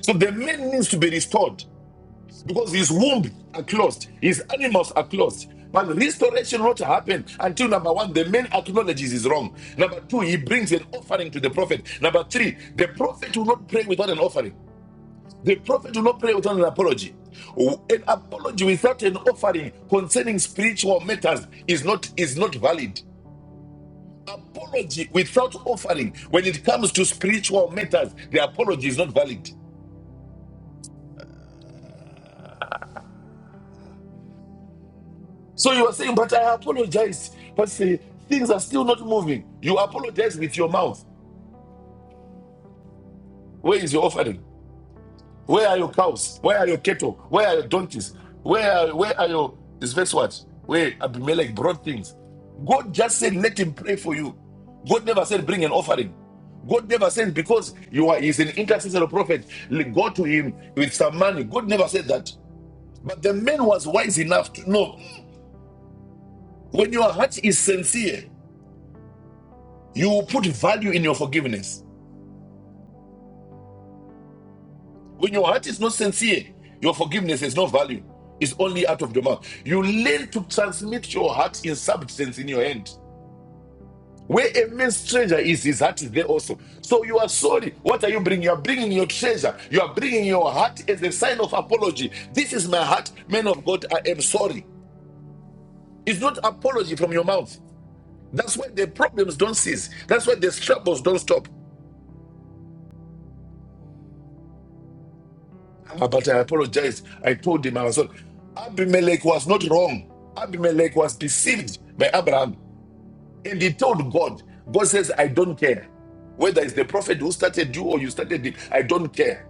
A: So the man needs to be restored. because his womb are closed, his animals are closed. But restoration will not happen until number one, the man acknowledges his wrong. Number two, he brings an offering to the prophet. Number three, the prophet will not pray without an offering. The prophet will not pray without an apology. An apology without an offering concerning spiritual matters is not is not valid. Apology without offering, when it comes to spiritual matters, the apology is not valid. So you are saying, but I apologize. But see, things are still not moving. You apologize with your mouth. Where is your offering? Where are your cows? Where are your cattle? Where are your donkeys? Where are, where are your this verse what? Where Abimelech brought things. God just said, let him pray for you. God never said, bring an offering. God never said, because you are he's an intercessory prophet, go to him with some money. God never said that. But the man was wise enough to know when your heart is sincere. You will put value in your forgiveness. When your heart is not sincere, your forgiveness has no value. It's only out of your mouth. You learn to transmit your heart in substance in your hand. Where a man's treasure is, his heart is there also. So you are sorry. What are you bringing? You are bringing your treasure. You are bringing your heart as a sign of apology. This is my heart, man of God. I am sorry. It's not apology from your mouth. That's why the problems don't cease. That's why the troubles don't stop. Ah, But I apologize. I told him, I was wrong. Abimelech was not wrong. Abimelech was deceived by Abraham. And he told God, God says, I don't care. Whether it's the prophet who started you or you started it, I don't care.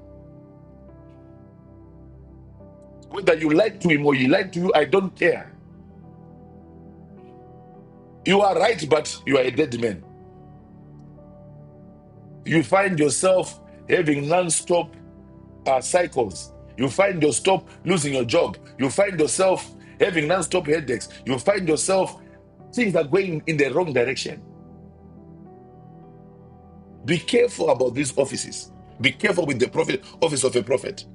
A: Whether you lied to him or he lied to you, I don't care. You are right, but you are a dead man. You find yourself having non stop uh, cycles. You find yourself losing your job. You find yourself having non stop headaches. You find yourself things are going in the wrong direction. Be careful about these offices. Be careful with the prophet office of a prophet.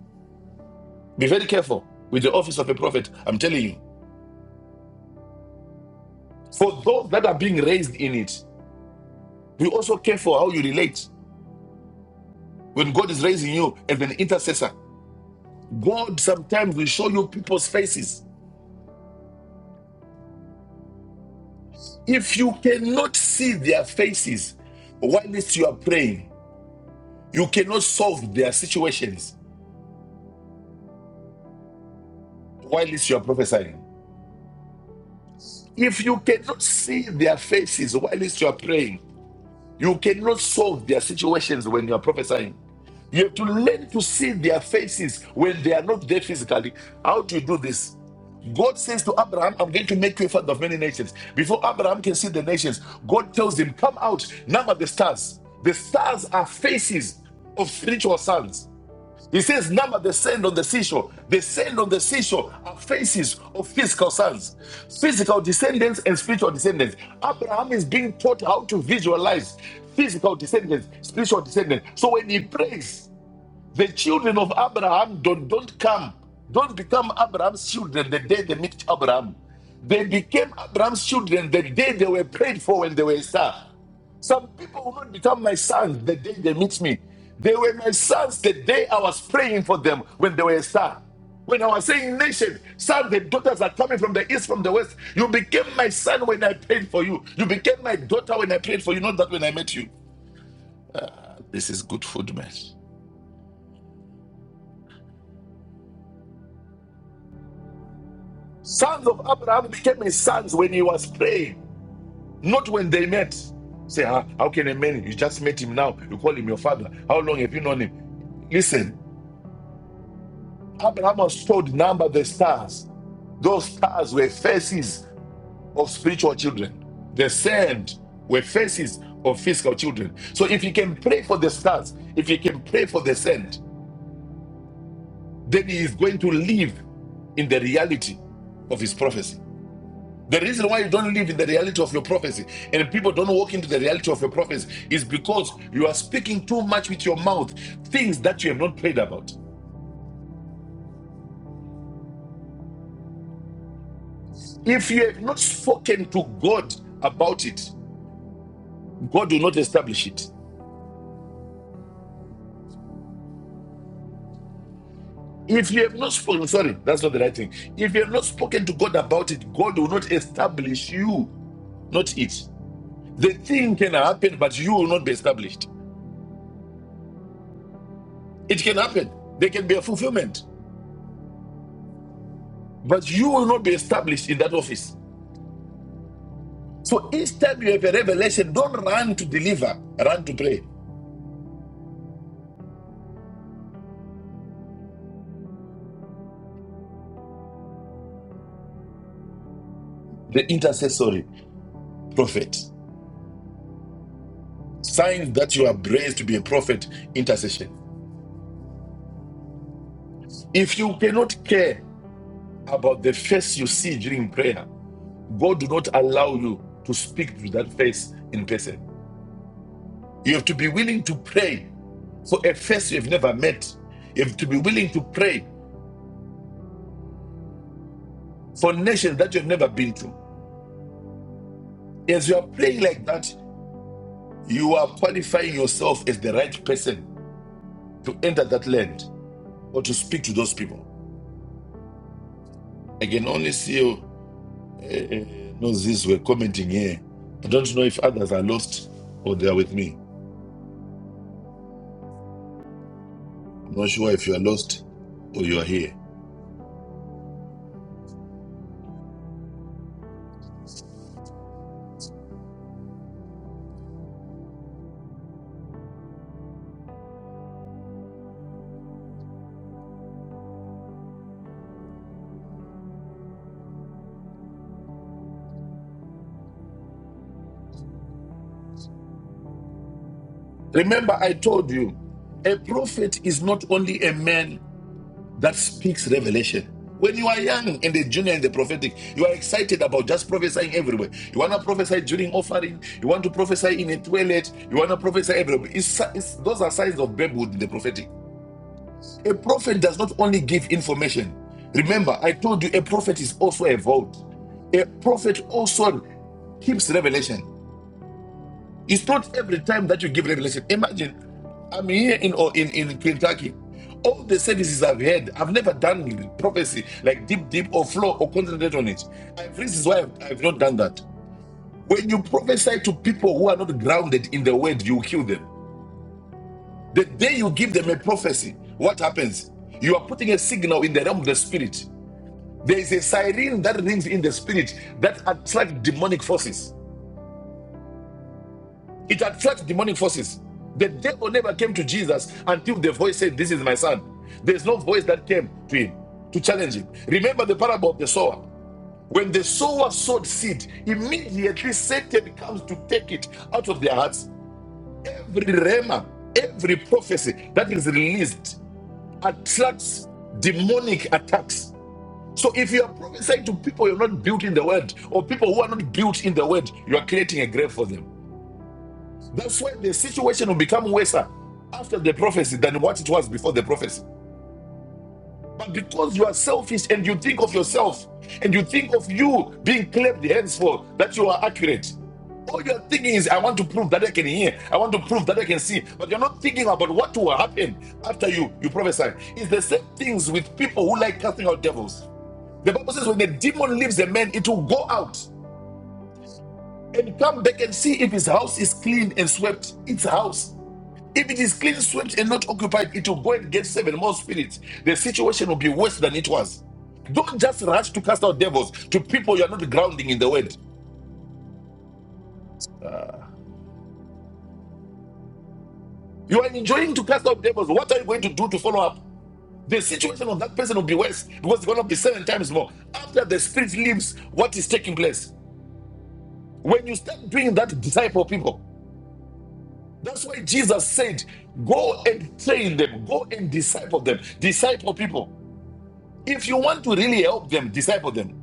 A: Be very careful with the office of a prophet. I'm telling you. For those that are being raised in it, be also careful how you relate. When God is raising you as an intercessor, God sometimes will show you people's faces. If you cannot see their faces whilst you are praying, you cannot solve their situations whilst you are prophesying. If you cannot see their faces whilst you are praying, You cannot solve their situations when you are prophesying. You have to learn to see their faces when they are not there physically. How do you do this? God says to Abraham, I'm going to make you a father of many nations. Before Abraham can see the nations, God tells him, Come out, number the stars. The stars are faces of spiritual sons. He says, Number the sand on the seashore. The sand on the seashore are faces of physical sons, physical descendants, and spiritual descendants. Abraham is being taught how to visualize physical descendants, spiritual descendants. So when he prays, the children of Abraham don't, don't come, don't become Abraham's children the day they meet Abraham. They became Abraham's children the day they were prayed for when they were a star. Some people will not become my sons the day they meet me. They were my sons the day I was praying for them when they were a star. When I was saying, Nation, sons and daughters are coming from the east, from the west. You became my son when I prayed for you. You became my daughter when I prayed for you, not that when I met you. This is good food, man. Sons of Abraham became his sons when he was praying, not when they met. Say, "Ah, how can a man, you just met him now, you call him your father? How long have you known him? Listen, Abraham was told, number the stars. Those stars were faces of spiritual children, the sand were faces of physical children. So if he can pray for the stars, if he can pray for the sand, then he is going to live in the reality of his prophecy. The reason why you don't live in the reality of your prophecy and people don't walk into the reality of your prophecy is because you are speaking too much with your mouth things that you have not prayed about. If you have not spoken to God about it, God will not establish it. If you have not spoken, sorry, that's not the right thing. If you have not spoken to God about it, God will not establish you, not it. The thing can happen, but you will not be established. It can happen. There can be a fulfillment, but you will not be established in that office. So each time you have a revelation. Don't run to deliver, run to pray. The intercessory prophet. Signs that you are raised to be a prophet, intercession. If you cannot care about the face you see during prayer, God do not allow you to speak to that face in person. You have to be willing to pray for a face you have never met. You have to be willing to pray for nations that you have never been to. As you are praying like that, you are qualifying yourself as the right person to enter that land or to speak to those people. I can only see you. Uh, no, these were commenting here. I don't know if others are lost or they are with me. I'm not sure if you are lost or you are here. Remember, I told you, a prophet is not only a man that speaks revelation. When you are young and the junior and the prophetic, you are excited about just prophesying everywhere. You want to prophesy during offering. You want to prophesy in a toilet. You want to prophesy everywhere. It's, it's, those are signs of babyhood in the prophetic. A prophet does not only give information. Remember, I told you a prophet is also a vault. A prophet also keeps revelation. It's not every time that you give revelation. Imagine, I'm here in oh, in, in Kentucky. All the services I've had, I've never done prophecy like deep, deep or flow or concentrate on it. And this is why I've, I've not done that. When you prophesy to people who are not grounded in the word, you kill them. The day you give them a prophecy, what happens? You are putting a signal in the realm of the spirit. There is a siren that rings in the spirit that attracts demonic forces. It attracts demonic forces. The devil never came to Jesus until the voice said, This is my son. There's no voice that came to him to challenge him. Remember the parable of the sower. When the sower sowed seed, immediately Satan comes to take it out of their hearts. Every rhema, every prophecy that is released attracts demonic attacks. So if you are prophesying to people you're not built in the word, or people who are not built in the word, you are creating a grave for them. That's why the situation will become worse after the prophecy than what it was before the prophecy. But because you are selfish and you think of yourself and you think of you being clapped hands for that you are accurate. All you're thinking is, I want to prove that I can hear, I want to prove that I can see. But you're not thinking about what will happen after you you prophesy. It's the same things with people who like casting out devils. The Bible says when the demon leaves a man, it will go out and come back and see if his house is clean and swept. Its house. If it is clean, swept, and not occupied, it will go and get seven more spirits. The situation will be worse than it was. Don't just rush to cast out devils to people you are not grounding in the word. You are enjoying to cast out devils. What are you going to do to follow up? The situation of that person will be worse because it's going to be seven times more. After the spirit leaves, what is taking place? When you start doing that, disciple people. That's why Jesus said, Go and train them, go and disciple them, disciple people. If you want to really help them, disciple them.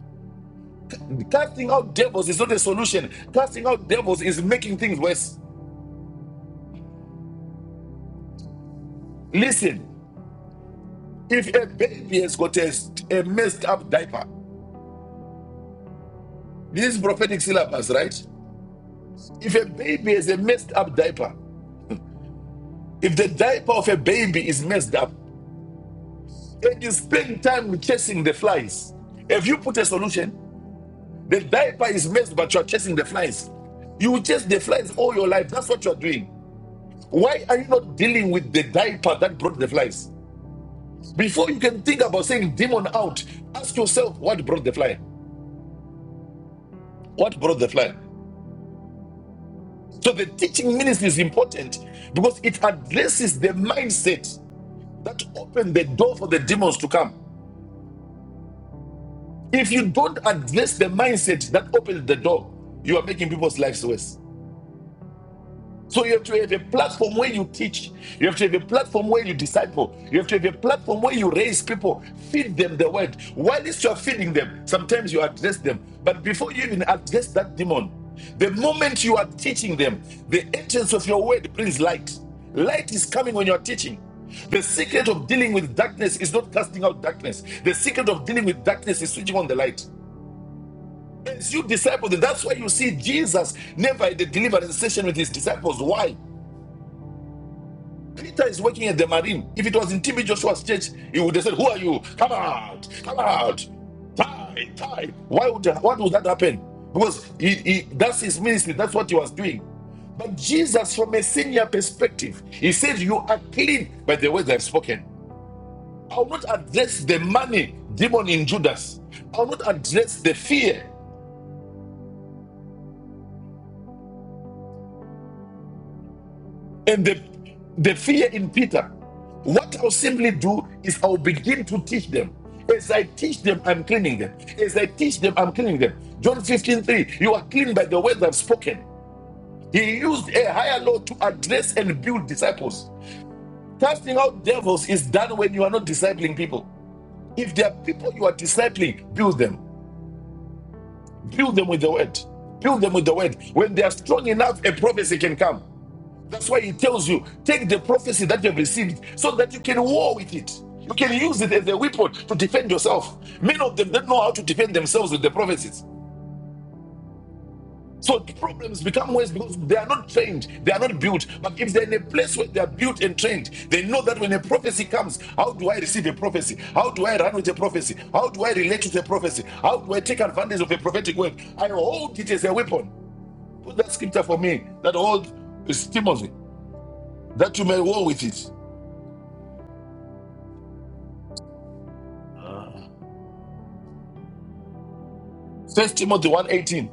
A: Casting out devils is not a solution, casting out devils is making things worse. Listen, if a baby has got a, a messed up diaper, this is prophetic syllabus, right? If a baby has a messed up diaper, if the diaper of a baby is messed up, and you spend time chasing the flies, have you put a solution? The diaper is messed, but you're chasing the flies. You chase the flies all your life. That's what you're doing. Why are you not dealing with the diaper that brought the flies? Before you can think about saying demon out, ask yourself what brought the fly? What brought the fly? So the teaching ministry is important because it addresses the mindset that opened the door for the demons to come. If you don't address the mindset that opened the door, you are making people's lives worse. So you have to have a platform where you teach. You have to have a platform where you disciple. You have to have a platform where you raise people, feed them the word. While you are feeding them, sometimes you address them. But before you even address that demon, the moment you are teaching them, the entrance of your word brings light. Light is coming when you are teaching. The secret of dealing with darkness is not casting out darkness. The secret of dealing with darkness is switching on the light. As you disciple them, that's why you see Jesus never had a deliverance session with his disciples. Why? Peter is working at the marine. If it was in TB Joshua's church, he would have said, Who are you? Come out, come out. Tie, tie. Why would what would that happen? Because he, he, that's his ministry, that's what he was doing. But Jesus, from a senior perspective, he said, You are clean by the words I've spoken. I will not address the money demon in Judas. I will not address the fear. And the, the fear in Peter, what I'll simply do is I'll begin to teach them. As I teach them, I'm cleaning them. As I teach them, I'm cleaning them. John 15 3. you are clean by the words I've spoken. He used a higher law to address and build disciples. Casting out devils is done when you are not discipling people. If there are people you are discipling, build them. Build them with the word. Build them with the word. When they are strong enough, a prophecy can come. That's why he tells you take the prophecy that you have received so that you can war with it. You can use it as a weapon to defend yourself. Many of them don't know how to defend themselves with the prophecies. So problems become worse because they are not trained, they are not built. But if they're in a place where they are built and trained, they know that when a prophecy comes, how do I receive a prophecy? How do I run with a prophecy? How do I relate to the prophecy? How do I take advantage of a prophetic word? I hold it as a weapon. Put that scripture for me. That hold is Timothy, that you may war with it. First Timothy one eighteen.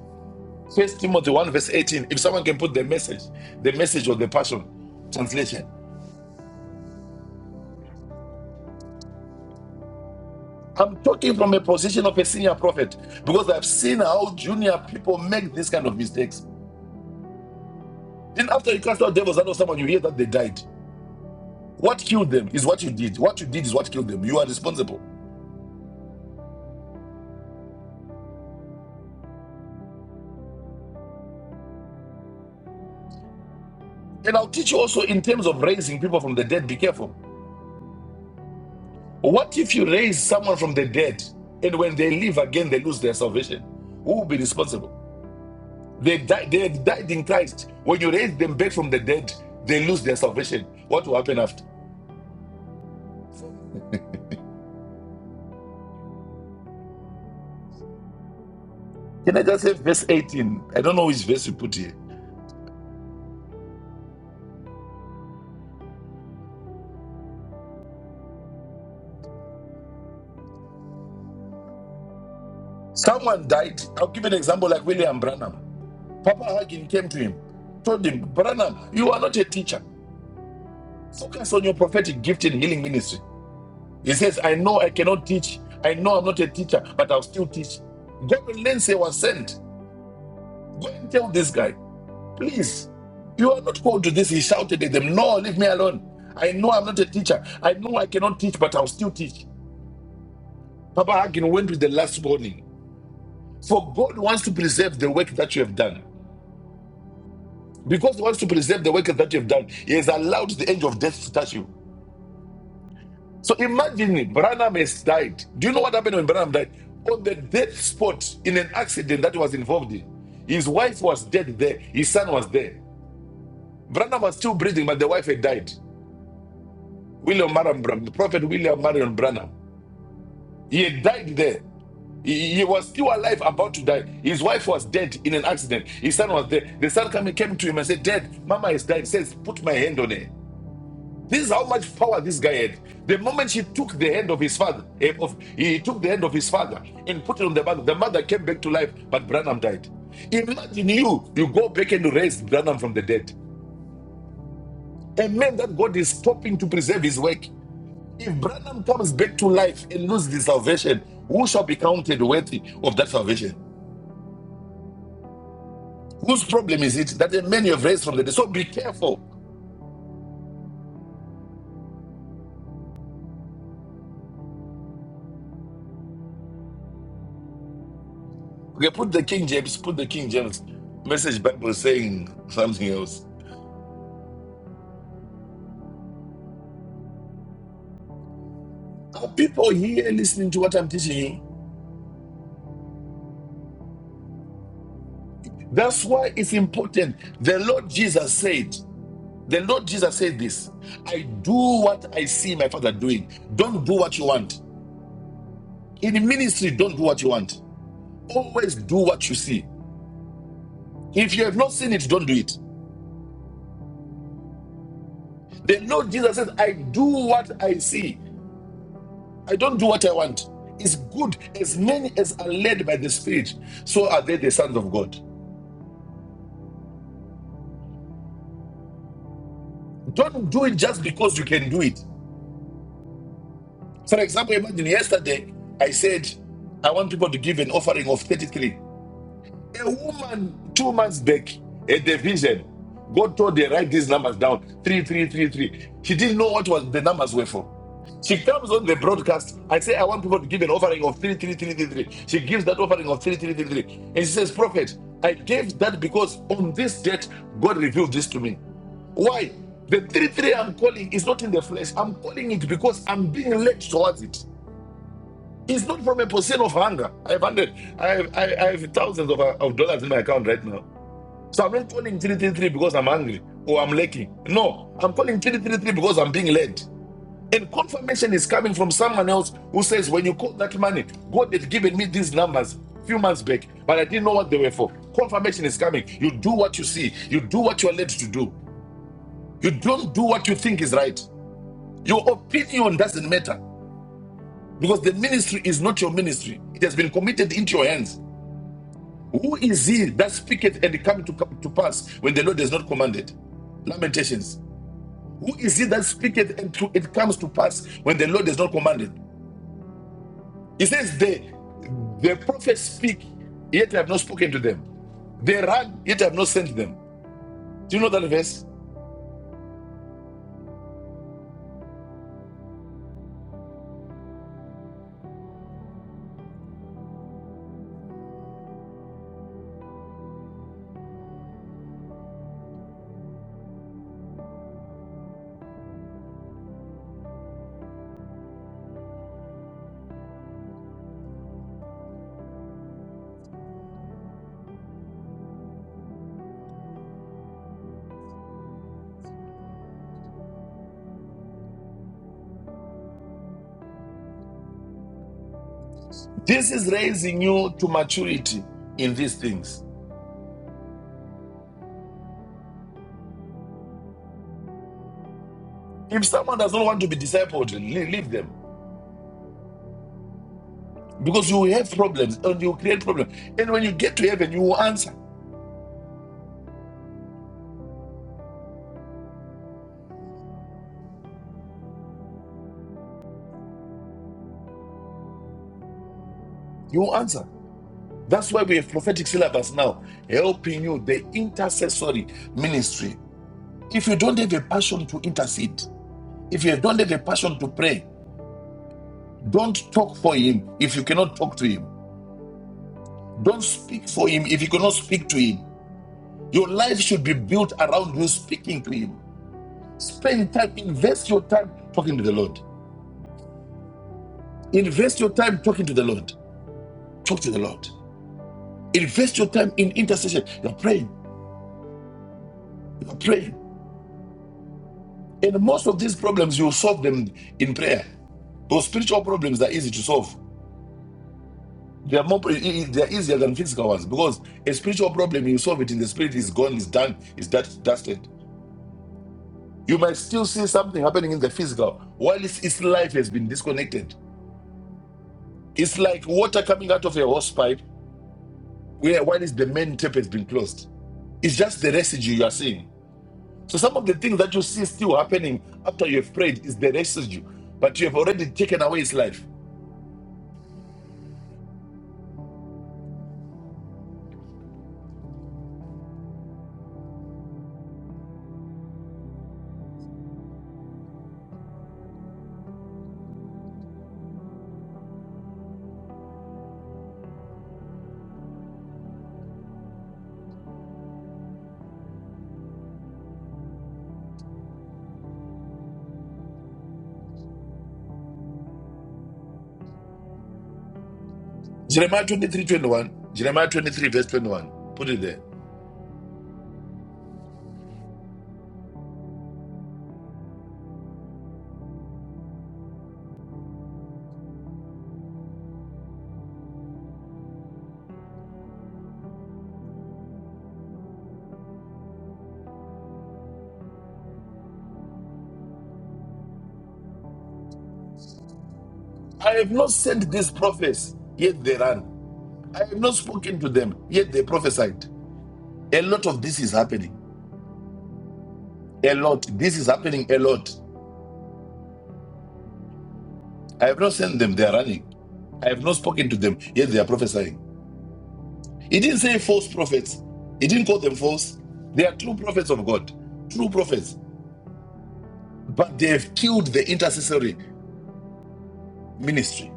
A: First Timothy 1 verse 18. If someone can put the message, the message of the passion translation. I'm talking from a position of a senior prophet because I've seen how junior people make these kind of mistakes. Then after you cast out devils out of someone, you hear that they died. What killed them is what you did. What you did is what killed them. You are responsible. And I'll teach you also in terms of raising people from the dead, be careful. What if you raise someone from the dead and when they live again, they lose their salvation? Who will be responsible? They died, they had died in Christ. When you raise them back from the dead, they lose their salvation. What will happen after? Can I just say verse 18? I don't know which verse you put here. Someone died. I'll give an example like William Branham. Papa Hagin came to him, told him, Branham, you are not a teacher. Focus on your prophetic gift in healing ministry. He says, I know I cannot teach. I know I'm not a teacher, but I'll still teach. Gordon Lindsay was sent. Go and tell this guy. Please, you are not called to this. He shouted at them, No, leave me alone. I know I'm not a teacher. I know I cannot teach, but I'll still teach. Papa Hagin went with the last warning. For God wants to preserve the work that you have done. Because He wants to preserve the work that you have done, He has allowed the angel of death to touch you. So imagine Branham has died. Do you know what happened when Branham died? On the death spot in an accident that he was involved in. His wife was dead there, his son was there. Branham was still breathing, but the wife had died. William Marion Branham, the prophet William Marion Branham. He had died there. He, he was still alive, about to die. His wife was dead in an accident. His son was dead. The son came, came to him and said, Dad, Mama is dead. He says, Put my hand on her. This is how much power this guy had. The moment she took the hand of his father, eh, of, he took the hand of his father and put it on the mother. The mother came back to life, but Branham died. Imagine you, you go back and raise Branham from the dead. A man that God is stopping to preserve his work. If Branham comes back to life and loses the salvation, who shall be counted worthy of that salvation? Whose problem is it that the man you have raised from the dead? So be careful. Okay, put the King James, put the King James message Bible saying something else. Are people here listening to what I'm teaching you? That's why it's important. The Lord Jesus said, the Lord Jesus said this I do what I see my father doing. Don't do what you want. In ministry, don't do what you want. Always do what you see. If you have not seen it, don't do it. The Lord Jesus says, I do what I see. I don't do what I want. It's good as many as are led by the Spirit, so are they the sons of God. Don't do it just because you can do it. For example, imagine yesterday I said, I want people to give an offering of 33. A woman, two months back, at the vision, God told her, write these numbers down. Three, three, three, three. She didn't know what was the numbers were for. She comes on the broadcast. I say, I want people to give an offering of three, three, three, three, three. She gives that offering of three, three, three, three. And she says, Prophet, I gave that because on this date, God revealed this to me. Why? The three, three I'm calling is not in the flesh. I'm calling it because I'm being led towards it. It's not from a position of hunger. I have hundred. I have I, I have thousands of, uh, of dollars in my account right now. So I'm not calling three three three because I'm hungry or I'm lacking. No, I'm calling three three three because I'm being led. And confirmation is coming from someone else who says, when you call that money, God had given me these numbers a few months back, but I didn't know what they were for. Confirmation is coming. You do what you see. You do what you are led to do. You don't do what you think is right. Your opinion doesn't matter because the ministry is not your ministry. It has been committed into your hands. Who is he that speaketh and it come to, to pass when the Lord does not command it? Lamentations. Who is he that speaketh and to, it comes to pass when the Lord does not command it? He says, the, the prophets speak, yet I have not spoken to them. They run, yet I have not sent them. Do you know that verse? This is raising you to maturity in these things. If someone does not want to be discipled, leave, them. Because you will have problems and you will create problems. And when you get to heaven, you will answer. You will answer. That's why we have prophetic syllabus now, helping you the intercessory ministry. If you don't have a passion to intercede, if you don't have a passion to pray, don't talk for him if you cannot talk to him. Don't speak for him if you cannot speak to him. Your life should be built around you speaking to him. Spend time, invest your time talking to the Lord. Invest your time talking to the Lord. Talk to the Lord. Invest your time in intercession. You're praying. You're praying. And most of these problems, you solve them in prayer. Those spiritual problems are easy to solve. They are more e- e- they are easier than physical ones because a spiritual problem you solve it in the spirit is gone, is done, is dusted. You might still see something happening in the physical while its, its life has been disconnected. It's like water coming out of a hose pipe where while the main tap has been closed. It's just the residue you are seeing. So some of the things that you see still happening after you have prayed is the residue, but you have already taken away its life. Jeremiah 23 21. Jeremiah 23, verse 21. Put it there. I have not sent these prophets, yet they ran. I have not spoken to them, yet they prophesied. A lot of this is happening. A lot. This is happening a lot. I have not sent them, they are running. I have not spoken to them, yet they are prophesying. He didn't say false prophets. He didn't call them false. They are true prophets of God, true prophets. But they have killed the intercessory ministry.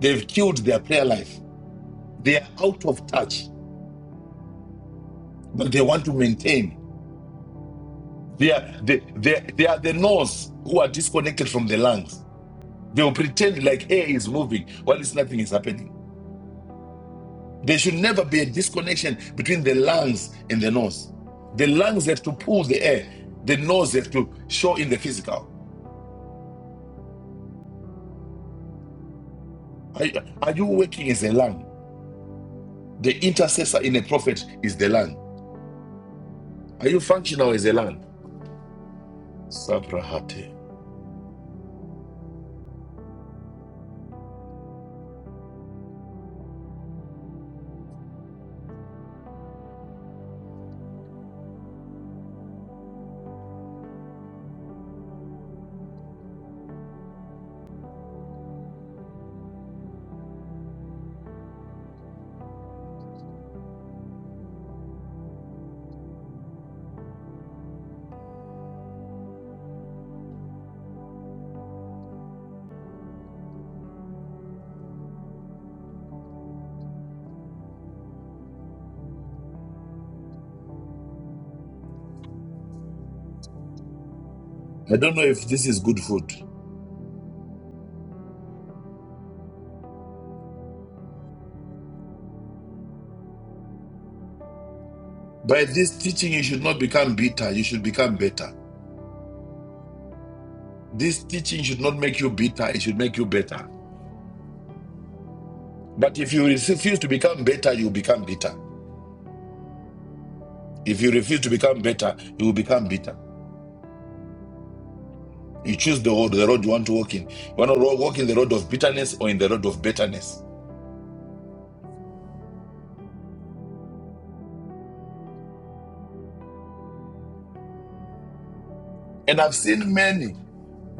A: They've killed their prayer life. They are out of touch, but they want to maintain. They are they, they, they are the nose who are disconnected from the lungs. They will pretend like air is moving while it's nothing is happening. There should never be a disconnection between the lungs and the nose. The lungs have to pull the air. The nose have to show in the physical. Are, you- are you working as a lung? The intercessor in a prophet is the lung. Are you functional as a lung? Sabrahate. I don't know if this is good food. By this teaching, you should not become bitter. You should become better. This teaching should not make you bitter, it should make you better. But if you refuse to become better, you become bitter. If you refuse to become better, you will become bitter. You choose the road, the road you want to walk in. You want to ro- walk in the road of bitterness or in the road of bitterness. And I've seen many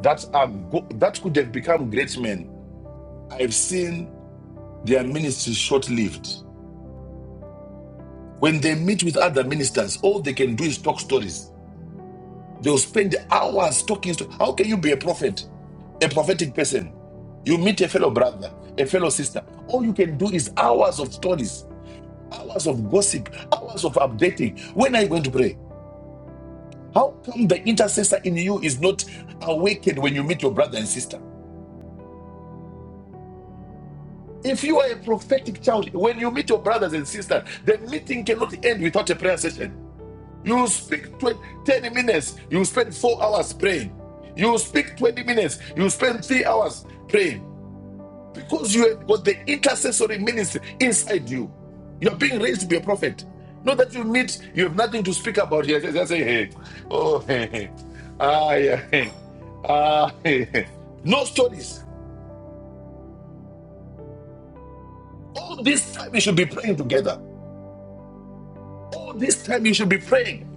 A: that are go- that could have become great men. I've seen their ministry short-lived. When they meet with other ministers, all they can do is talk stories. They'll spend hours talking. To, how can you be a prophet, a prophetic person? You meet a fellow brother, a fellow sister. All you can do is hours of stories, hours of gossip, hours of updating. When are you going to pray? How come the intercessor in you is not awakened when you meet your brother and sister? If you are a prophetic child, when you meet your brothers and sisters, the meeting cannot end without a prayer session. You speak 20 10 minutes, you spend four hours praying. You speak 20 minutes, you spend three hours praying. Because you have got the intercessory ministry inside you. You are being raised to be a prophet. Not that you meet, you have nothing to speak about here. just say, hey, oh, hey, hey. Ah, yeah, hey. Ah, hey, hey. No stories. All this time you should be praying together. All this time you should be praying.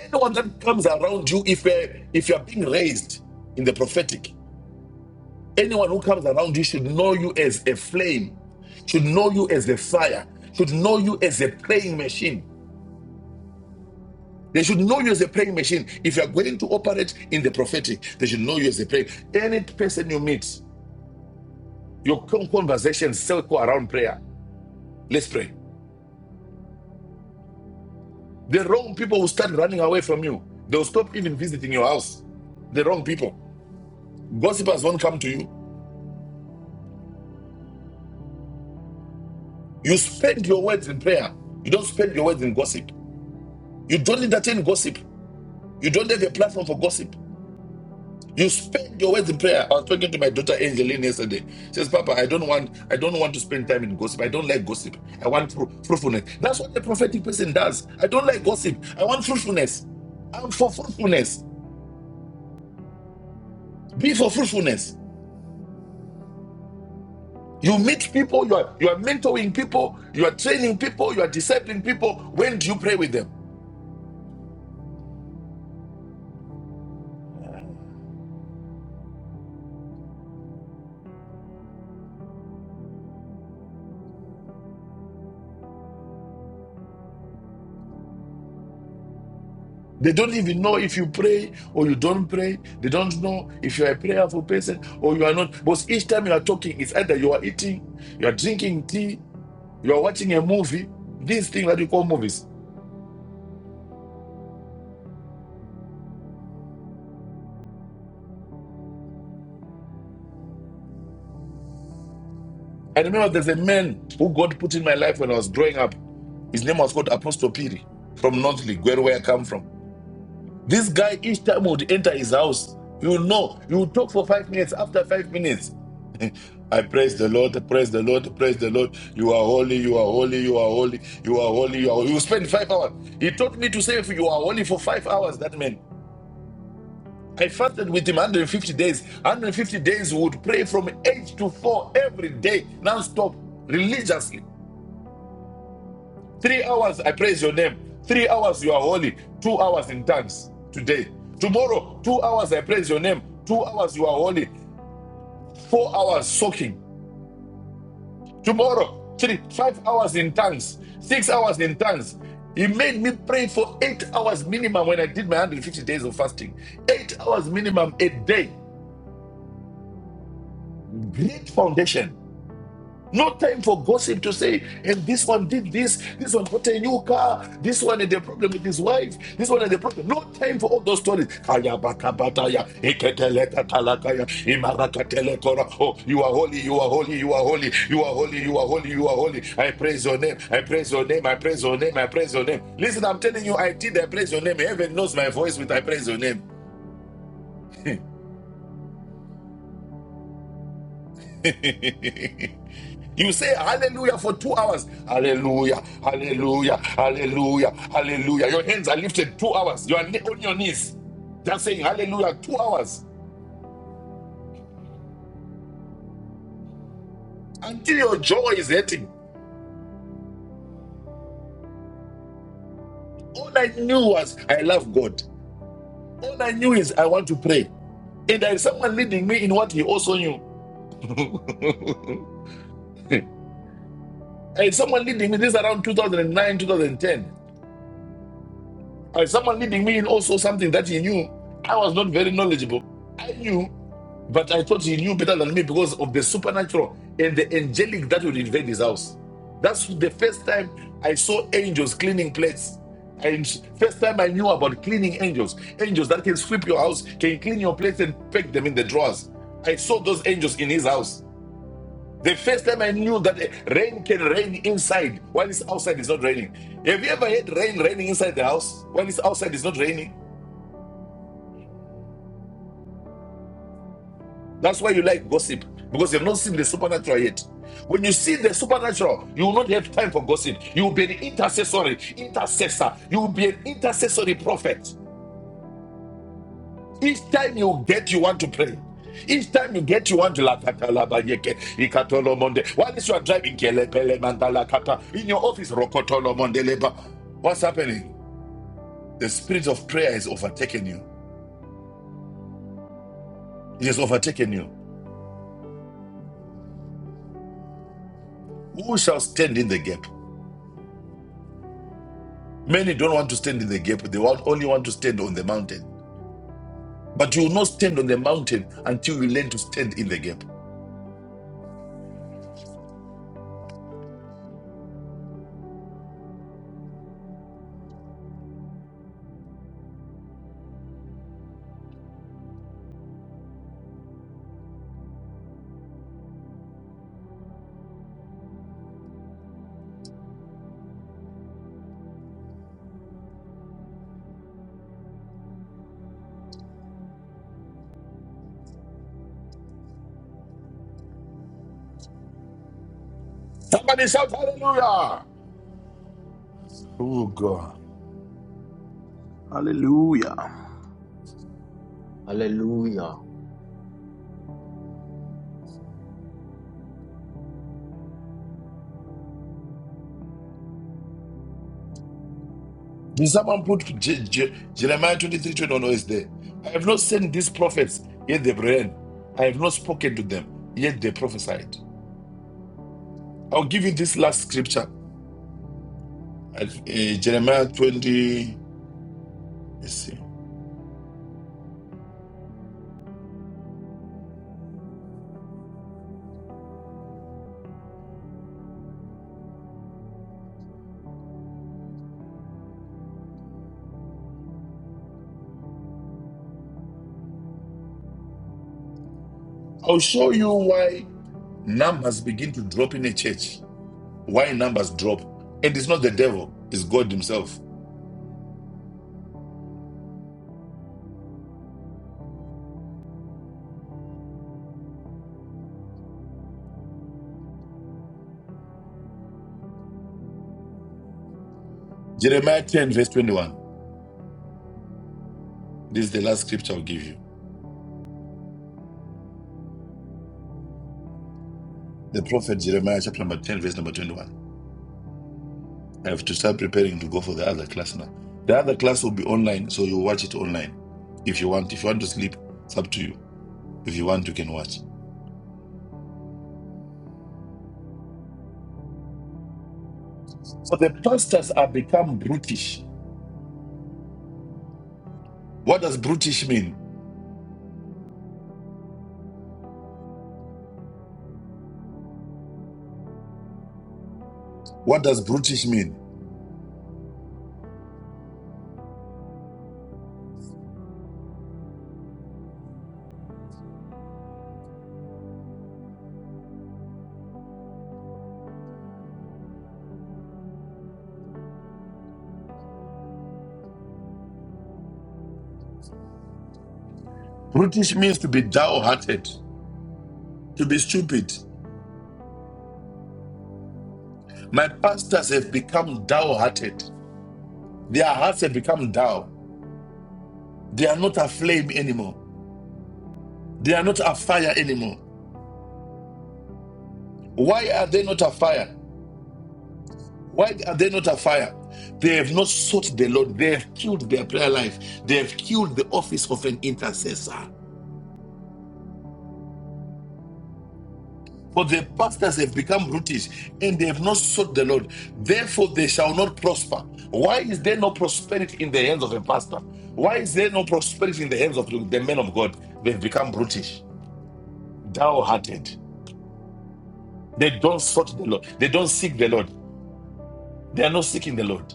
A: Anyone that comes around you, if you're, if you're being raised in the prophetic, Anyone who comes around you should know you as a flame, should know you as a fire, should know you as a praying machine. They should know you as a praying machine. If you are going to operate in the prophetic, they should know you as a prayer. Any person you meet, your con- conversations circle around prayer. Let's pray. The wrong people will start running away from you. They'll stop even visiting your house. The wrong people. Gossipers won't come to you. You spend your words in prayer. You don't spend your words in gossip. You don't entertain gossip. You don't have a platform for gossip. You spend your words in prayer. I was talking to my daughter Angeline yesterday. She says, Papa, I don't want I don't want to spend time in gossip. I don't like gossip. I want fru- fruitfulness. That's what a prophetic person does. I don't like gossip. I want fruitfulness. I'm for fruitfulness. Be for fruitfulness. You meet people, you are you are mentoring people, you are training people, you are discipling people. When do you pray with them? They don't even know if you pray or you don't pray. They don't know if you are a prayerful person or you are not. Because each time you are talking, it's either you are eating, you are drinking tea, you are watching a movie, these things that you call movies. I remember there's a man who God put in my life when I was growing up. His name was called Apostle Piri from Northley, where, where I come from. This guy, each time would enter his house, you know, you talk for five minutes. After five minutes, I praise the Lord, praise the Lord, praise the Lord. You are holy, you are holy, you are holy, you are holy, you are holy. You spend five hours. He taught me to say, if you are holy for five hours, that man. I fasted with him 150 days. 150 days we would pray from 8 to 4 every day, non stop, religiously. Three hours, I praise your name. Three hours, you are holy. Two hours in tongues today. Tomorrow, two hours, I praise your name. Two hours, you are holy. Four hours, soaking. Tomorrow, three, five hours in tongues. Six hours in tongues. He made me pray for eight hours minimum when I did my 150 days of fasting. Eight hours minimum a day. Great foundation. No time for gossip to say, and this one did this, this one got a new car, this one had a problem with his wife, this one had a problem. No time for all those stories. Oh, you are holy, you are holy, you are holy, you are holy, you are holy, you are holy. I praise your name, I praise your name, I praise your name, I praise your name. Listen, I'm telling you, I did I praise your name. Heaven knows my voice with I praise your name. You say hallelujah for two hours. Hallelujah, hallelujah, hallelujah, hallelujah. Your hands are lifted two hours. You are on your knees. Just saying hallelujah two hours until your jaw is hurting. All I knew was I love God. All I knew is I want to pray. And there is someone leading me in what he also knew. and someone leading me. This is around 2009, 2010. Uh, someone leading me in also something that he knew. I was not very knowledgeable. I knew, but I thought he knew better than me because of the supernatural and the angelic that would invade his house. That's the first time I saw angels cleaning plates. And first time I knew about cleaning angels, angels that can sweep your house, can clean your plates and pack them in the drawers. I saw those angels in his house. The first time I knew that rain can rain inside while it's outside, it's not raining. Have you ever had rain raining inside the house while it's outside, it's not raining? That's why you like gossip because you've not seen the supernatural yet. When you see the supernatural, you will not have time for gossip. You will be an intercessory intercessor. You will be an intercessory prophet. Each time you get, you want to pray. Each time you get, you want to laugh. Katalabayeke, ikatolo monde. While you are driving, kelepele mandala kata. in your office, rokotolo monde leba. what's happening? The spirit of prayer has overtaken you. It has overtaken you. Who shall stand in the gap? Many don't want to stand in the gap. They want, only want to stand on the mountain. But you will not stand on the mountain until you learn to stand in the gap. Somebody shout hallelujah! Oh God.
C: Hallelujah.
E: Hallelujah.
A: Did someone put Je- Je- Jeremiah 23 21 or is there? I have not sent these prophets, yet they ran. I have not spoken to them, yet they prophesied. I'll give you this last scripture, uh, eh, Jeremiah 20. Let's see. I'll show you why numbers begin to drop in a church. Why numbers drop. And it's not the devil, it's God Himself. Jeremiah 10, verse 21. This is the last scripture I'll give you. The prophet Jeremiah, chapter number 10, verse number 21. I have to start preparing to go for the other class now. The other class will be online, so you watch it online. If you want, if you want to sleep, it's up to you. If you want, you can watch. So the pastors have become brutish. What does brutish mean? What does brutish mean? Brutish means to be dull-hearted, to be stupid. My pastors have become dull-hearted. Their hearts have become dull. They are not aflame anymore. They are not afire anymore. Why are they not afire? Why are they not afire? They have not sought the Lord. They have killed their prayer life. They have killed the office of an intercessor. For their pastors have become brutish and they have not sought the Lord. Therefore, they shall not prosper. Why is there no prosperity in the hands of a pastor? Why is there no prosperity in the hands of the men of God? They've become brutish, dull hearted. They don't sought the Lord. They don't seek the Lord. They are not seeking the Lord.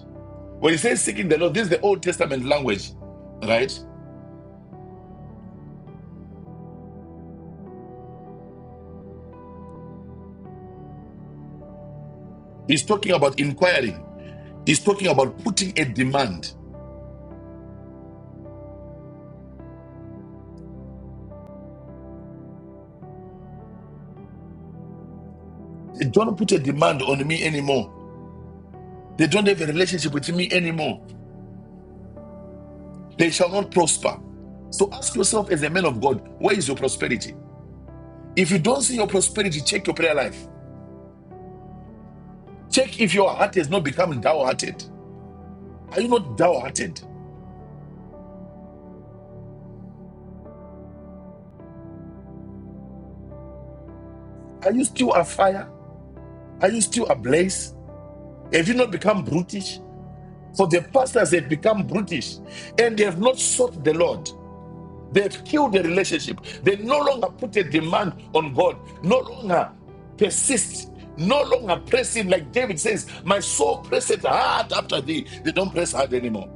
A: When he says seeking the Lord, this is the Old Testament language, right? He's talking about inquiring. He's talking about putting a demand. They don't put a demand on me anymore. They don't have a relationship with me anymore. They shall not prosper. So ask yourself, as a man of God, where is your prosperity? If you don't see your prosperity, check your prayer life. Check if your heart has not become dour hearted. Are you not dour hearted? Are you still afire? Are you still ablaze? Have you not become brutish? For the pastors have become brutish and they have not sought the Lord. They've killed the relationship. They no longer put a demand on God, no longer persist, no longer press Him. Like David says, My soul presseth hard after thee. They don't press hard anymore.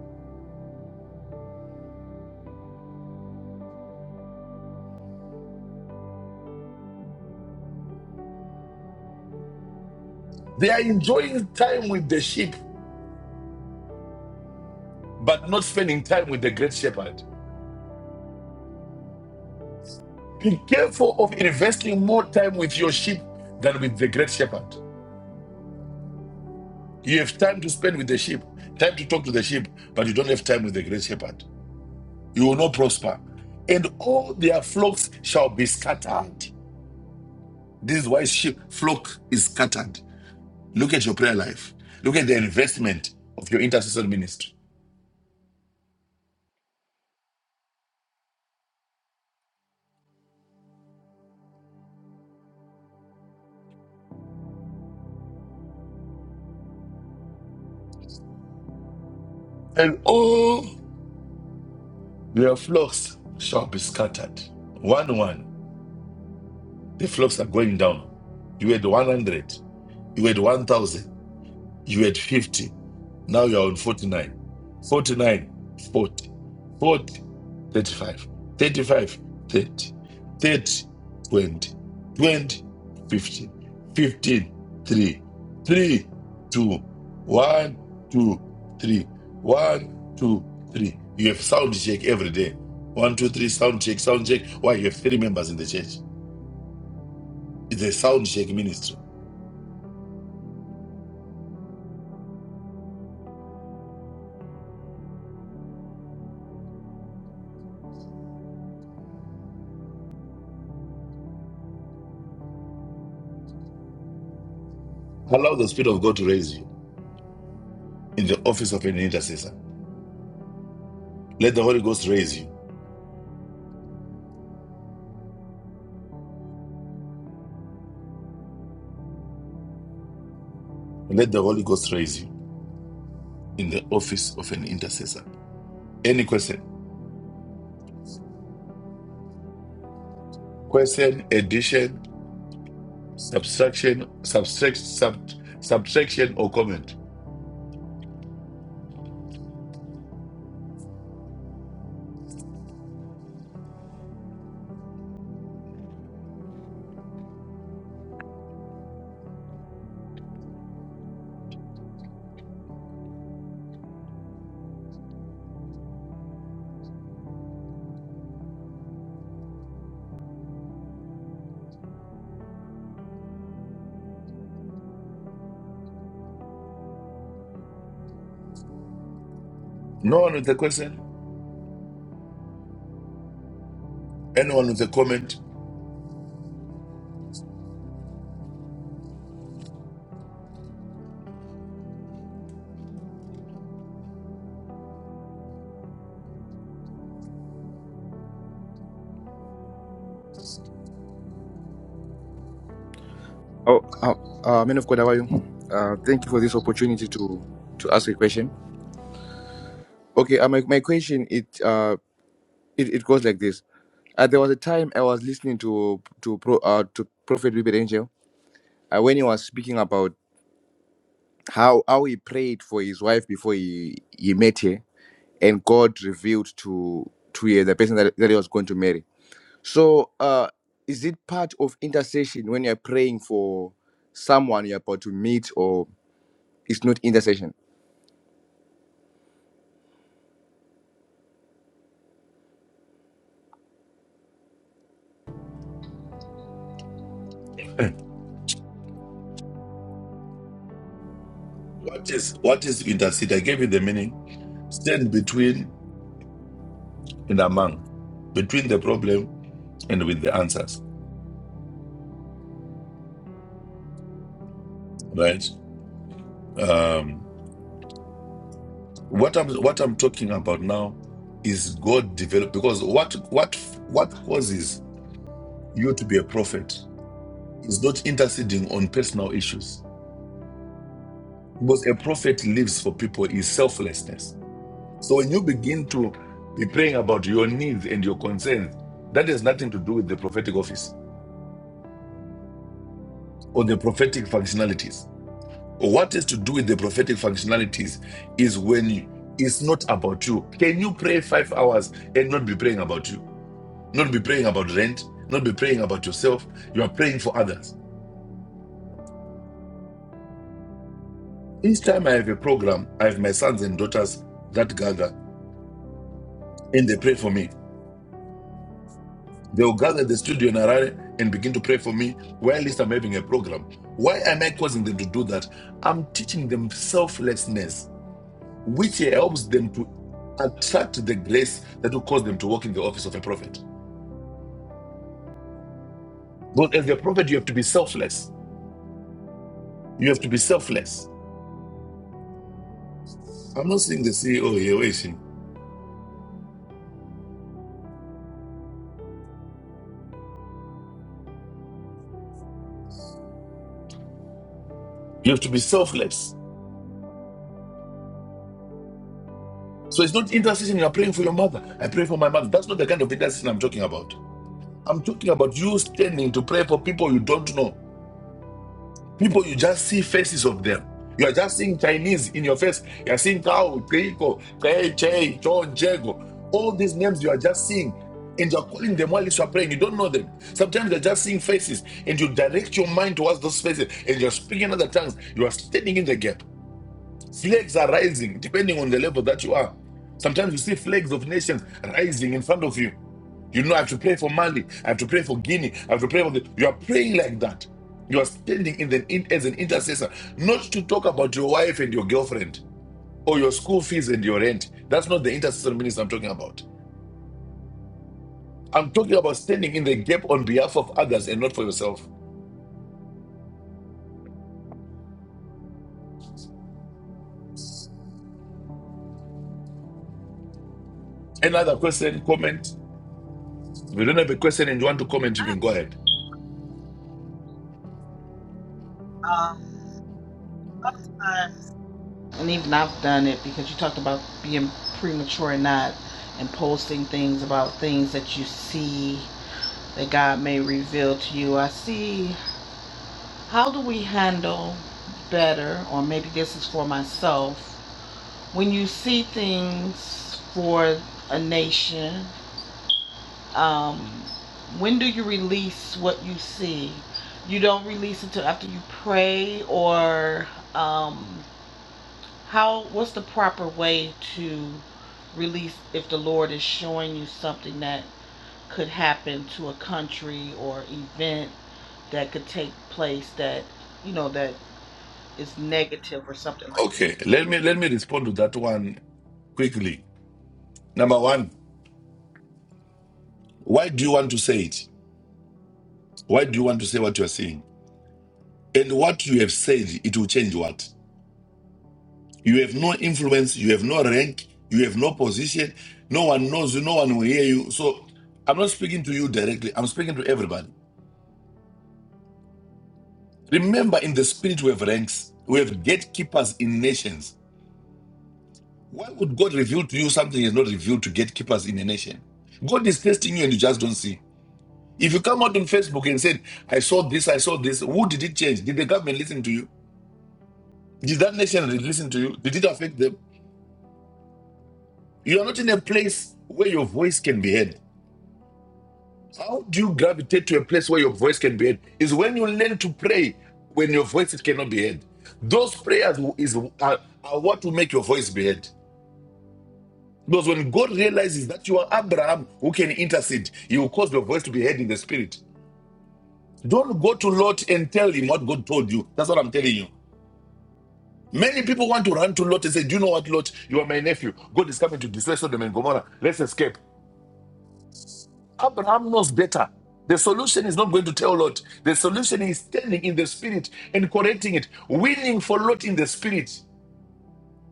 A: They are enjoying time with the sheep, but not spending time with the great shepherd. Be careful of investing more time with your sheep than with the great shepherd. You have time to spend with the sheep, time to talk to the sheep, but you don't have time with the great shepherd. you will not prosper. And all their flocks shall be scattered. This is why sheep flock is scattered. Look at your prayer life. Look at the investment of your intercessory ministry. And all their flocks shall be scattered. One one, the flocks are going down. You had 100, you had 1,000. You had 50. Now you're on 49. 49, 40. 40, 35. 35, 30. thirty, twenty. twenty, fifteen. fifteen, 3. three, 2. 1, 2, three. one, two, three. You have sound check every day. One, two, three. sound check, sound check. Why? You have three members in the church. It's a sound check ministry. Allow the Spirit of God to raise you in the office of an intercessor. Let the Holy Ghost raise you. Let the Holy Ghost raise you in the office of an intercessor. Any question? Question, addition, subtraction, subtract, sub, subtraction, or comment? No one with a question. Anyone with a comment?
F: Oh, uh, uh, man of God, how are you? Uh, thank you for this opportunity to to ask a question. Okay, uh, my my question it uh it, it goes like this. Uh, there was a time I was listening to to pro, uh, to Prophet Ruben Angel uh, when he was speaking about how how he prayed for his wife before he he met her, and God revealed to to her the person that, that he was going to marry. So, uh, is it part of intercession when you're praying for someone you're about to meet, or it's not intercession?
A: What is what is intercede? I gave you the meaning. Stand between and among, between the problem and with the answers. Right. Um, what I'm what I'm talking about now is God develop because what what what causes you to be a prophet is not interceding on personal issues. Because a prophet lives for people is selflessness. So when you begin to be praying about your needs and your concerns, that has nothing to do with the prophetic office or the prophetic functionalities. What has to do with the prophetic functionalities is when you- it's not about you. Can you pray five hours and not be praying about you? Not be praying about rent, not be praying about yourself. You are praying for others. Each time I have a program, I have my sons and daughters that gather and they pray for me. They'll gather at the studio in Harare and begin to pray for me while at least I'm having a program. Why am I causing them to do that? I'm teaching them selflessness, which helps them to attract the grace that will cause them to walk in the office of a prophet. But as a prophet, you have to be selfless. You have to be selfless. I'm not seeing the CEO here, where is he? You have to be selfless. So it's not intercession. You are praying for your mother. I pray for my mother. That's not the kind of intercession I'm talking about. I'm talking about you standing to pray for people you don't know, people you just see faces of them. You are just seeing Chinese in your face. You are seeing Tao, Keiko, Kei, Che, John, Jago. All these names you are just seeing, and you are calling them while you are praying. You don't know them. Sometimes you're just seeing faces, and you direct your mind towards those faces, and you're speaking other tongues. You are standing in the gap. Flags are rising depending on the level that you are. Sometimes you see flags of nations rising in front of you. You know, I have to pray for Mali. I have to pray for Guinea. I have to pray for the. You are praying like that. You are standing in the in, as an intercessor, not to talk about your wife and your girlfriend or your school fees and your rent. That's not the intercessor ministry I'm talking about. I'm talking about standing in the gap on behalf of others and not for yourself. Another question, comment. If you don't have a question and you want to comment, you can go ahead.
B: Um, a lot of times, and even I've done it because you talked about being premature and not, and posting things about things that you see that God may reveal to you. I see. How do we handle better, or maybe this is for myself, when you see things for a nation Um, when do you release what you see? You don't release until after you pray, or um, how? What's the proper way to release if the Lord is showing you something that could happen to a country or event that could take place that you know that is negative or something like
A: Okay, let me let me respond to that one quickly. Number one, why do you want to say it? Why do you want to say what you are saying? And what you have said, it will change what? You have no influence, you have no rank, you have no position, no one knows you, no one will hear you. So I'm not speaking to you directly, I'm speaking to everybody. Remember, in the spirit, we have ranks, we have gatekeepers in nations. Why would God reveal to you something is not revealed to gatekeepers in a nation? God is testing you and you just don't see. If you come out on Facebook and said, I saw this, I saw this, who did it change? Did the government listen to you? Did that nation listen to you? Did it affect them? You are not in a place where your voice can be heard. How do you gravitate to a place where your voice can be heard? Is when you learn to pray when your voice cannot be heard. Those prayers is are, are what will make your voice be heard. Because when God realizes that you are Abraham who can intercede, He will cause your voice to be heard in the spirit. Don't go to Lot and tell him what God told you. That's what I'm telling you. Many people want to run to Lot and say, Do you know what, Lot? You are my nephew. God is coming to destroy Sodom and Gomorrah. Let's escape. Abraham knows better. The solution is not going to tell Lot. The solution is standing in the spirit and correcting it, winning for Lot in the spirit.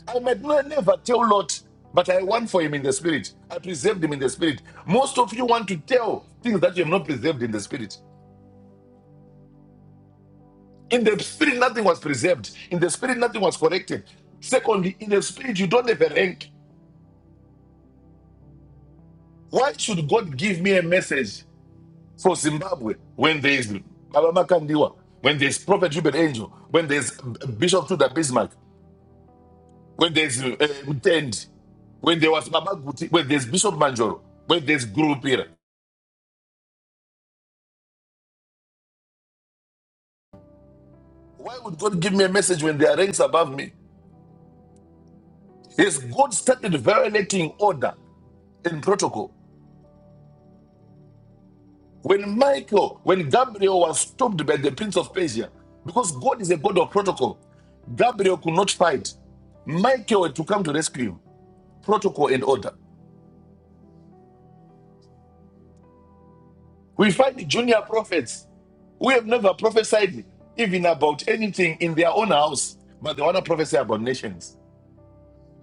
A: I might not never tell Lot, but I won for him in the spirit. I preserved him in the spirit. Most of you want to tell things that you have not preserved in the spirit. In the spirit, nothing was preserved. In the spirit, nothing was corrected. Secondly, in the spirit, you don't have a rank. Why should God give me a message for Zimbabwe when there is Malama Kandiwa, when there is Prophet Ruben Angel, when there is Bishop Tudor Bismarck, when there is uh, Mutend, when there was Baba Guti, when there is Bishop Manjoro, when there is Guru Pira? Why would God give me a message when there are ranks above me? Yes, God started violating order and protocol. When Michael, when Gabriel was stopped by the prince of Persia, because God is a God of protocol, Gabriel could not fight. Michael had to come to rescue him. Protocol and order. We find junior prophets who have never prophesied even about anything in their own house, but they want to prophesy about nations.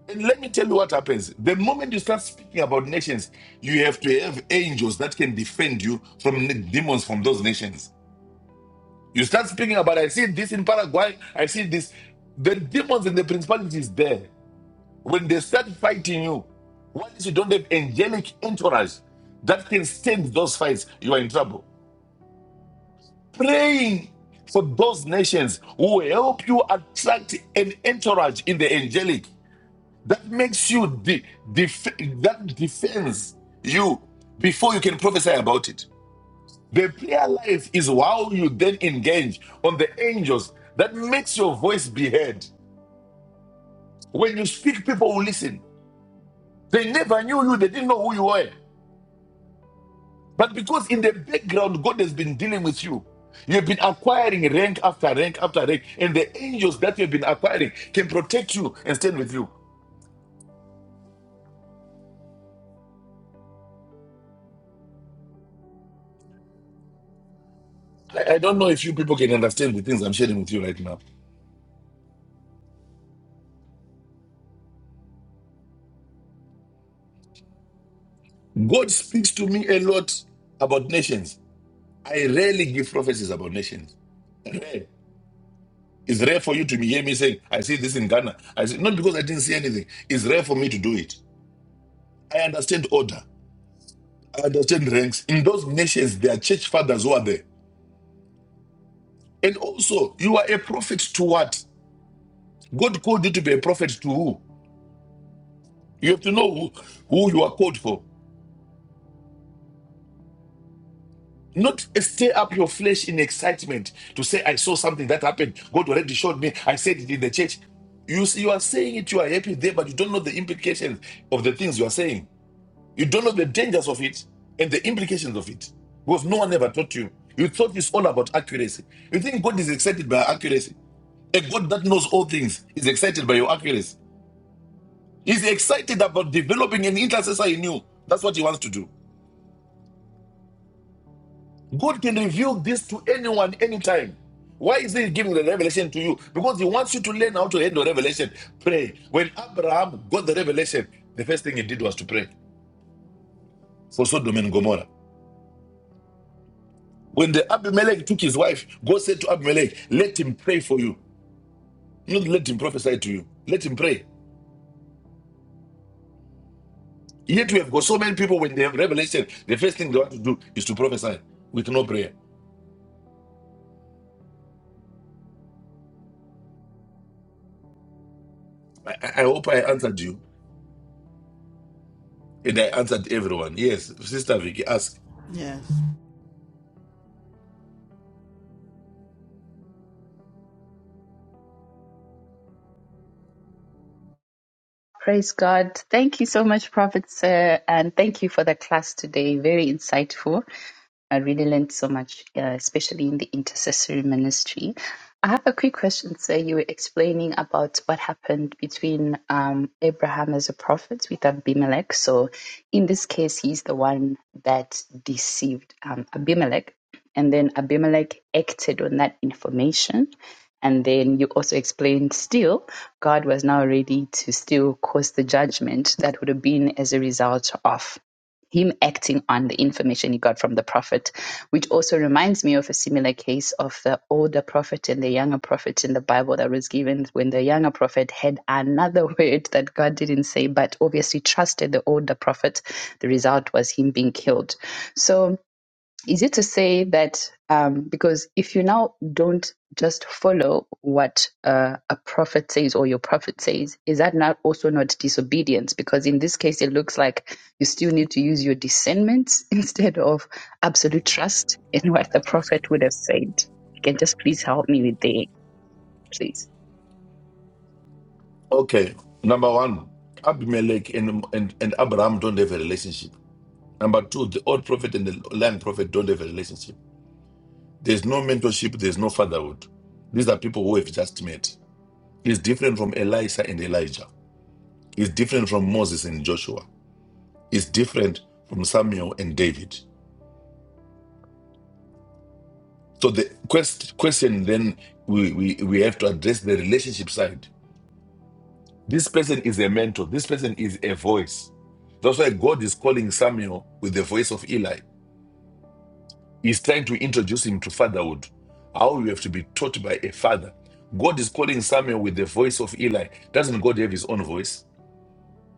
A: And let me tell you what happens. The moment you start speaking about nations, you have to have angels that can defend you from demons from those nations. You start speaking about, i see this in Paraguay, i see this. The demons and the principalities there, when they start fighting you, once you don't have angelic entourage that can stand those fights, you are in trouble. Praying for those nations who help you attract an entourage in the angelic that makes you de- def- that defends you before you can prophesy about it. The prayer life is how you then engage on the angels that makes your voice be heard. When you speak, people will listen. They never knew you, they didn't know who you were. But because in the background, God has been dealing with you. You've been acquiring rank after rank after rank, and the angels that you've been acquiring can protect you and stand with you. I, I don't know if you people can understand the things I'm sharing with you right now. God speaks to me a lot about nations. I rarely give prophecies about nations. Rare. It's rare for you to hear me saying, I see this in Ghana. I see, not because I didn't see anything. It's rare for me to do it. I understand order. I understand ranks. In those nations, there are church fathers who are there. And also, you are a prophet to what? God called you to be a prophet to who? You have to know who, who you are called for. Not stir up your flesh in excitement to say, I saw something that happened. God already showed me. I said it in the church. You, you are saying it, you are happy there, but you don't know the implications of the things you are saying. You don't know the dangers of it and the implications of it because no one ever taught you. You thought it's all about accuracy. You think God is excited by accuracy. A God that knows all things is excited by your accuracy. He's excited about developing an intercessor in you. That's what he wants to do. God can reveal this to anyone, anytime. Why is he giving the revelation to you? Because he wants you to learn how to handle revelation. Pray. When Abraham got the revelation, the first thing he did was to pray for Sodom and Gomorrah. When the Abimelech took his wife, God said to Abimelech, Let him pray for you. Not let him prophesy to you. Let him pray. Yet we have got so many people when they have revelation, the first thing they want to do is to prophesy with no prayer. I, I hope I answered you and I answered everyone. Yes, Sister Vicky asked.
B: that? Yes.
G: Praise God. Thank you so much, Prophet Sir, and thank you for the class today. Very insightful. I really learned so much, uh, especially in the intercessory ministry. I have a quick question, sir. You were explaining about what happened between um, Abraham as a prophet with Abimelech. So, in this case, he's the one that deceived um, Abimelech. And then Abimelech acted on that information. And then you also explained still, God was now ready to still cause the judgment that would have been as a result of him acting on the information he got from the prophet, which also reminds me of a similar case of the older prophet and the younger prophet in the Bible that was given when the younger prophet had another word that God didn't say, but obviously trusted the older prophet. The result was him being killed. So, is it to say that um, because if you now don't just follow what uh, a prophet says or your prophet says, is that not also not disobedience? Because in this case, it looks like you still need to use your discernment instead of absolute trust in what the prophet would have said. Can just please help me with the please.
A: Okay, number one, Abimelech and, and, and Abraham don't have a relationship. Number two, the old prophet and the young prophet don't have a relationship. There's no mentorship, there's no fatherhood. These are people who have just met. It's different from Elisha and Elijah. It's different from Moses and Joshua. It's different from Samuel and David. So the quest, question then we, we, we have to address the relationship side. This person is a mentor. This person is a voice. That's why God is calling Samuel with the voice of Eli. He's trying to introduce him to fatherhood, how you have to be taught by a father. God is calling Samuel with the voice of Eli. Doesn't God have his own voice?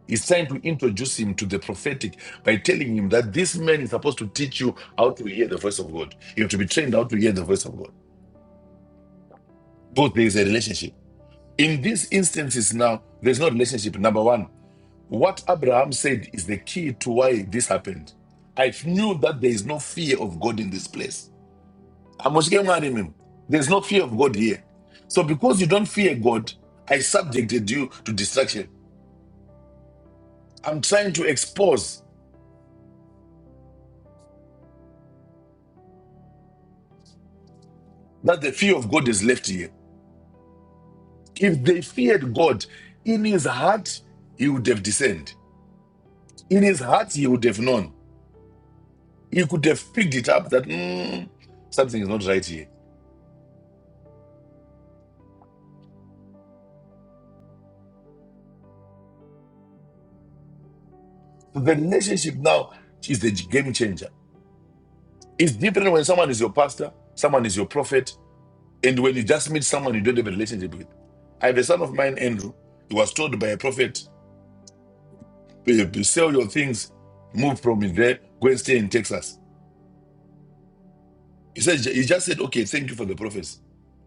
A: It's time to introduce him to the prophetic by telling him that this man is supposed to teach you how to hear the voice of God. You have to be trained how to hear the voice of God. But there is a relationship. In these instances now, there's no relationship. Number one, what Abraham said is the key to why this happened. I knew that there is no fear of God in this place. There's no fear of God here. So because you don't fear God, I subjected you to distraction. I'm trying to expose that the fear of God is left here. If they feared God, in his heart, he would have discerned. In his heart, he would have known. He could have picked it up that "Hmm, something is not right here. So the relationship now is the game changer. It's different when someone is your pastor, someone is your prophet, and when you just meet someone you don't have a relationship with. I have a son of mine, Andrew. He was told by a prophet, "Eh, sell your things, move from there, go and stay in Texas. He said he just said, okay, thank you for the prophecy.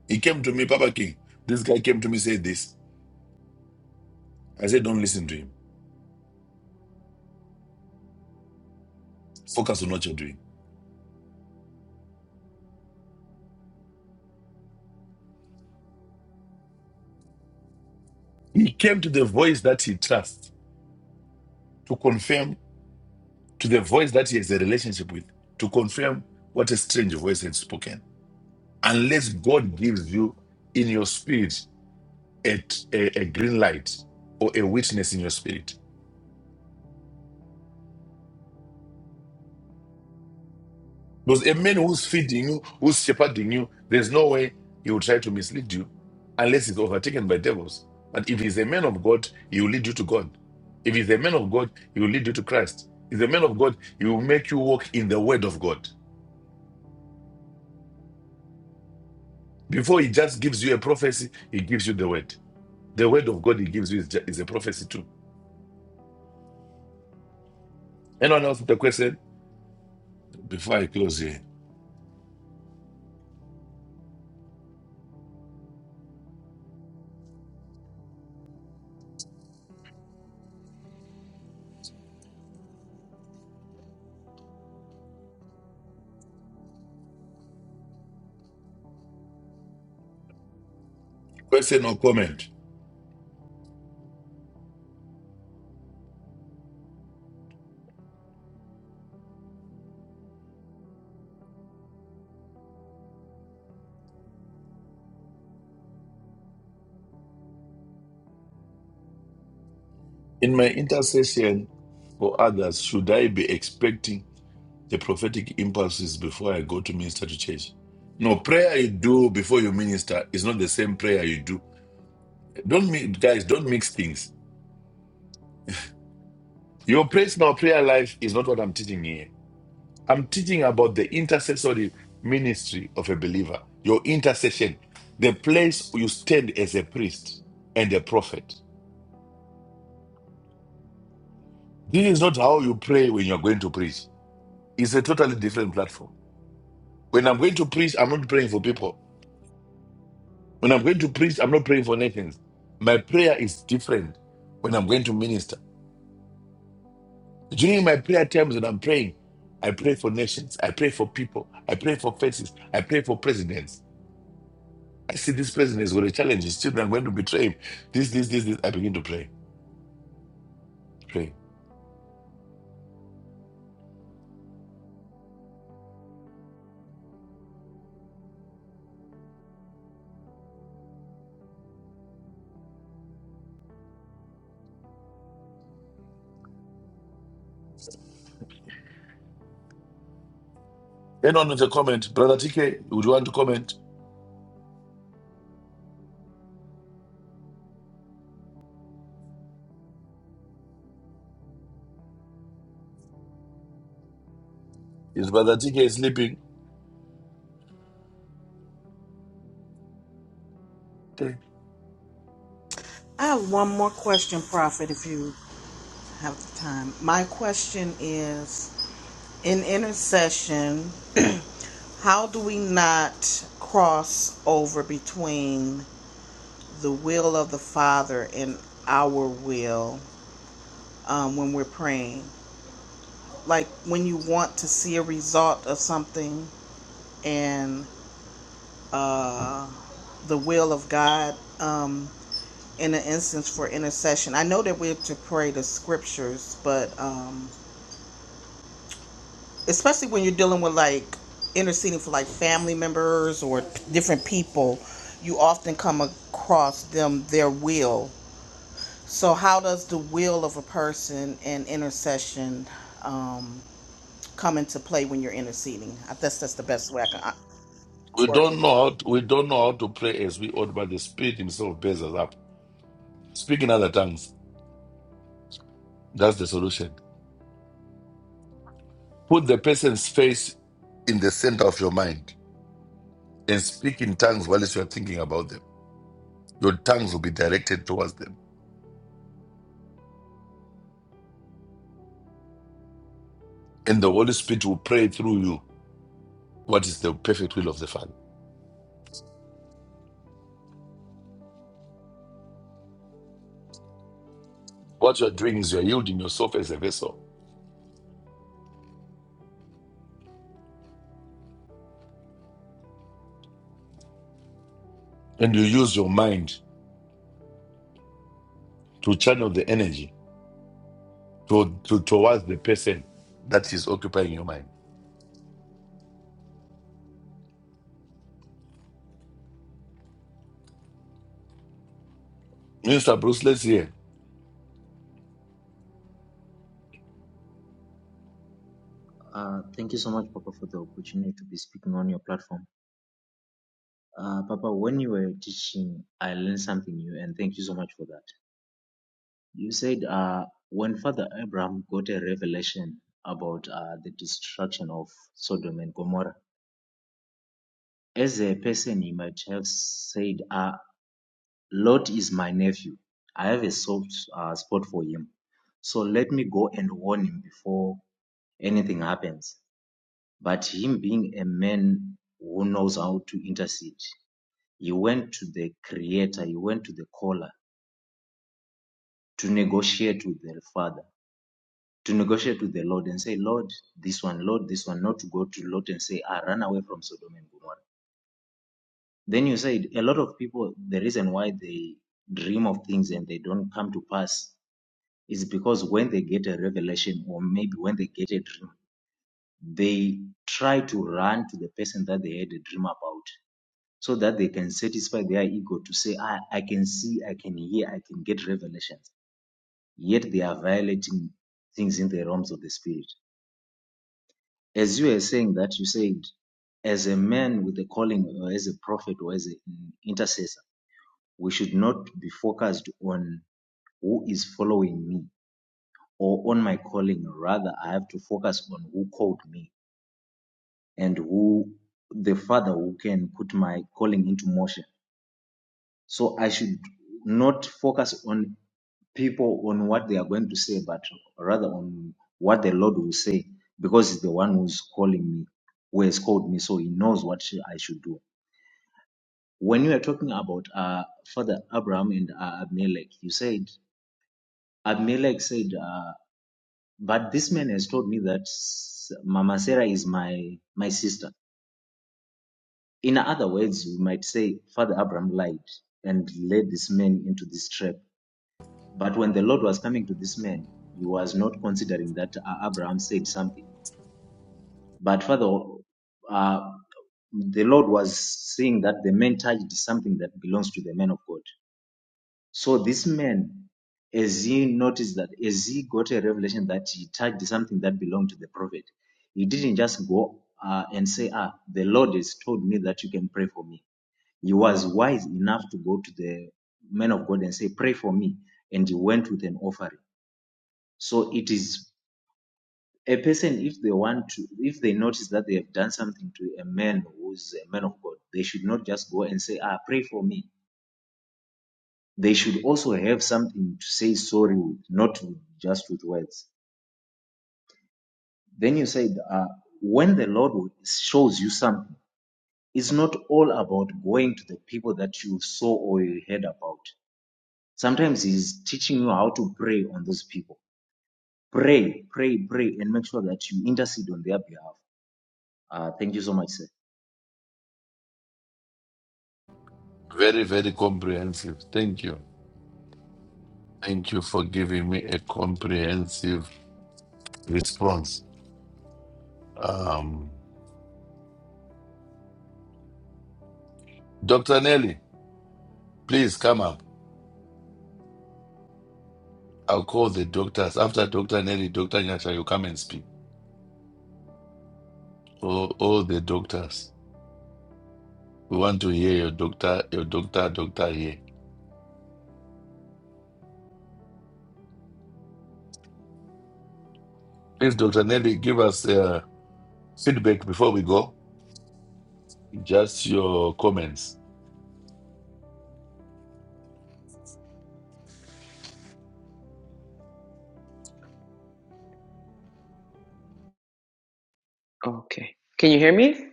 A: He came to me, Papa King. This guy came to me, said this. I said, don't listen to him. Focus on what you're doing. He came to the voice that he trusts to confirm to the voice that he has a relationship with, to confirm what a strange voice has spoken. Unless God gives you in your spirit a, a, a green light or a witness in your spirit. Because a man who's feeding you, who's shepherding you, there's no way he will try to mislead you unless he's overtaken by devils. But if he's a man of God, he will lead you to God. If he's a man of God, he will lead you to Christ. If he's a man of God, he will make you walk in the word of God. Before he just gives you a prophecy, he gives you the word. The word of God he gives you is, ju- is a prophecy too. Anyone else with a question? Before I close here, question or comment? In my intercession for others, should I be expecting? the prophetic impulses before I go to minister to church. No, prayer you do before you minister is not the same prayer you do. Don't mi- guys, don't mix things. Your personal prayer life is not what I'm teaching here. I'm teaching about the intercessory ministry of a believer, your intercession, the place you stand as a priest and a prophet. This is not how you pray when you're going to preach. It's a totally different platform. When I'm going to preach, I'm not praying for people. When I'm going to preach, I'm not praying for nations. My prayer is different when I'm going to minister. During my prayer times when I'm praying, I pray for nations, I pray for people, I pray for faces, I pray for presidents. I see this president is going to challenge his children, am going to betray him. This, this, this, this. I begin to pray. Pray. Anyone with a comment, Brother TK, would you want to comment? Is Brother TK sleeping? Pray.
B: I have one more question, Prophet, if you have the time. My question is In intercession, how do we not cross over between the will of the Father and our will um, when we're praying? Like when you want to see a result of something and uh, the will of God um, in an instance for intercession. I know that we have to pray the scriptures, but. Um, especially when you're dealing with like interceding for like family members or different people, you often come across them their will. So how does the will of a person and intercession um, come into play when you're interceding? I guess that's the best way I can uh,
A: We
B: word
A: don't know how to, we don't know how to pray as we ought, but the Spirit Himself bears us up. Speak in other tongues. That's the solution. Put the person's face in the center of your mind and speak in tongues while you are thinking about them. Your tongues will be directed towards them, and the Holy Spirit will pray through you what is the perfect will of the Father. What you are doing is you are yielding yourself as a vessel, and you use your mind to channel the energy to, to- towards the person that is occupying your mind. Mr. Bruce, let's hear.
E: Uh, thank you so much, Papa, for the opportunity to be speaking on your platform. Uh, Papa, when you were teaching, I learned something new, and thank you so much for that. You said uh, when Father Abraham got a revelation about uh, the destruction of Sodom and Gomorrah, as a person, he might have said, uh, Lot is my nephew. I have a soft uh, spot for him. So let me go and warn him before anything happens. But him being a man who knows how to intercede, he went to the creator, he went to the caller to negotiate with the father, to negotiate with the Lord and say, Lord, this one, Lord, this one, not to go to Lot and say, I ran away from Sodom and Gomorrah. Then you said a lot of people, the reason why they dream of things and they don't come to pass is because when they get a revelation or maybe when they get a dream, they try to run to the person that they had a dream about so that they can satisfy their ego to say, I, I can see, I can hear, I can get revelations. Yet they are violating things in the realms of the spirit. As you are saying that, you said, as a man with a calling or as a prophet or as an intercessor, we should not be focused on who is following me or on my calling. Rather, I have to focus on who called me and who the Father who can put my calling into motion. So I should not focus on people on what they are going to say, but rather on what the Lord will say, because He's the one who's calling me, who has called me, so He knows what sh- I should do. When you are talking about uh, Father Abraham and uh, Abimelech, you said, Abimelech said, uh, but this man has told me that S- Mama Sarah is my, my sister. In other words, we might say, Father Abraham lied and led this man into this trap But when the Lord was coming to this man, he was not considering that uh, Abraham said something. But further, uh, the Lord was seeing that the man touched something that belongs to the man of God. So this man, as he noticed that, as he got a revelation that he touched something that belonged to the prophet, he didn't just go uh, and say, "Ah, the Lord has told me that you can pray for me." He was wise enough to go to the man of God and say, "Pray for me," and he went with an offering. So it is a person if they want to if they notice that they have done something to a man who is a man of God, they should not just go and say, Ah, pray for me. They should also have something to say sorry with, not with, just with words. Then you said, uh, when the Lord shows you something, it's not all about going to the people that you saw or you heard about. Sometimes He's teaching you how to pray on those people. Pray, pray, pray, and make sure that you intercede on their behalf. Uh, thank you so much, sir.
A: Very, very comprehensive. Thank you. Thank you for giving me a comprehensive response. Um, Dr. Nelly, please come up. I'll call the doctors. After Dr. Nelly, Dr. Nyasha, you come and speak. All, all the doctors. We want to hear your doctor, your doctor, doctor here. Please, Dr. Nelly, give us uh, feedback before we go. Just your comments.
H: Okay. Can you hear me?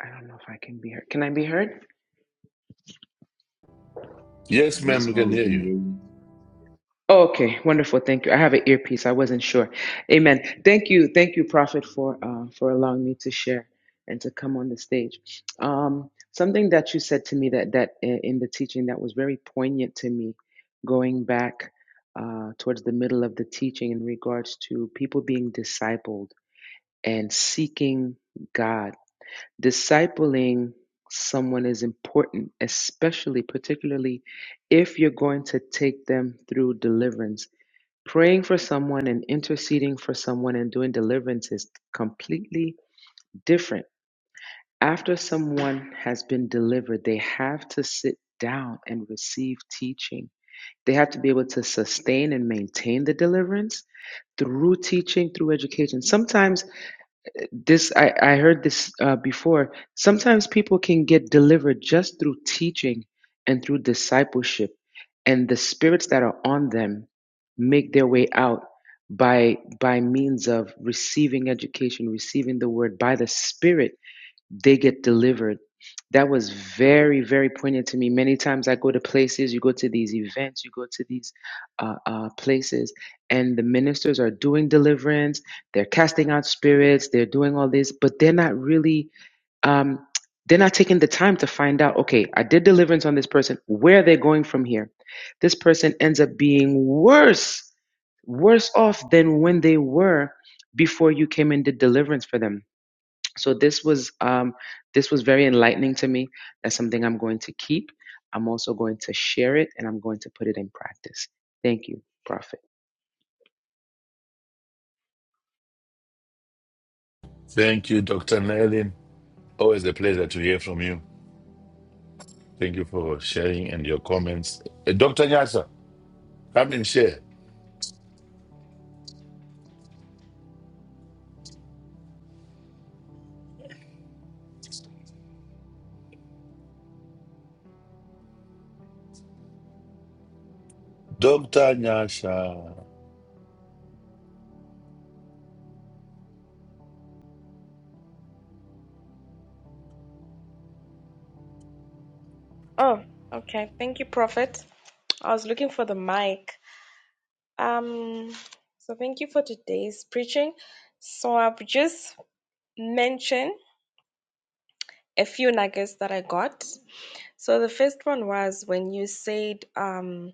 H: I don't know if I can be heard. Can I be heard?
A: Yes, ma'am,
E: Yes,
A: we
E: ma,
A: can
E: we
A: hear
E: can
A: you.
E: hear you.
H: Okay, wonderful. Thank you. I have an earpiece. I wasn't sure. Amen. Thank you, thank you, Prophet, for uh, for allowing me to share and to come on the stage. Um, something that you said to me that that uh, in the teaching that was very poignant to me, going back uh, towards the middle of the teaching in regards to people being discipled and seeking God discipling someone is important, especially, particularly if you're going to take them through deliverance. Praying for someone and interceding for someone and doing deliverance is completely different. After someone has been delivered, they have to sit down and receive teaching. They have to be able to sustain and maintain the deliverance through teaching, through education. Sometimes this I, I heard this uh, before. Sometimes people can get delivered just through teaching and through discipleship, and the spirits that are on them make their way out by by means of receiving education, receiving the word by the Spirit they get delivered. That was very, very poignant to me. Many times I go to places, you go to these events, you go to these uh, uh, places, and the ministers are doing deliverance. They're casting out spirits. They're doing all this, but they're not really. Um, they're not taking the time to find out. Okay, I did deliverance on this person. Where are they going from here? This person ends up being worse, worse off than when they were before you came and did deliverance for them so this was um, this was very enlightening to me that's something i'm going to keep i'm also going to share it and i'm going to put it in practice thank you prophet
A: Thank you, Dr. Nelly. Always a pleasure to hear from you. Thank you for sharing and your comments. Uh, Dr. Nyasha, come and share. Dr. Nyasha.
I: Oh, okay. Thank you, Prophet. I was looking for the mic. Um, so thank you for today's preaching. So I've just mentioned a few nuggets that I got. So the first one was when you said um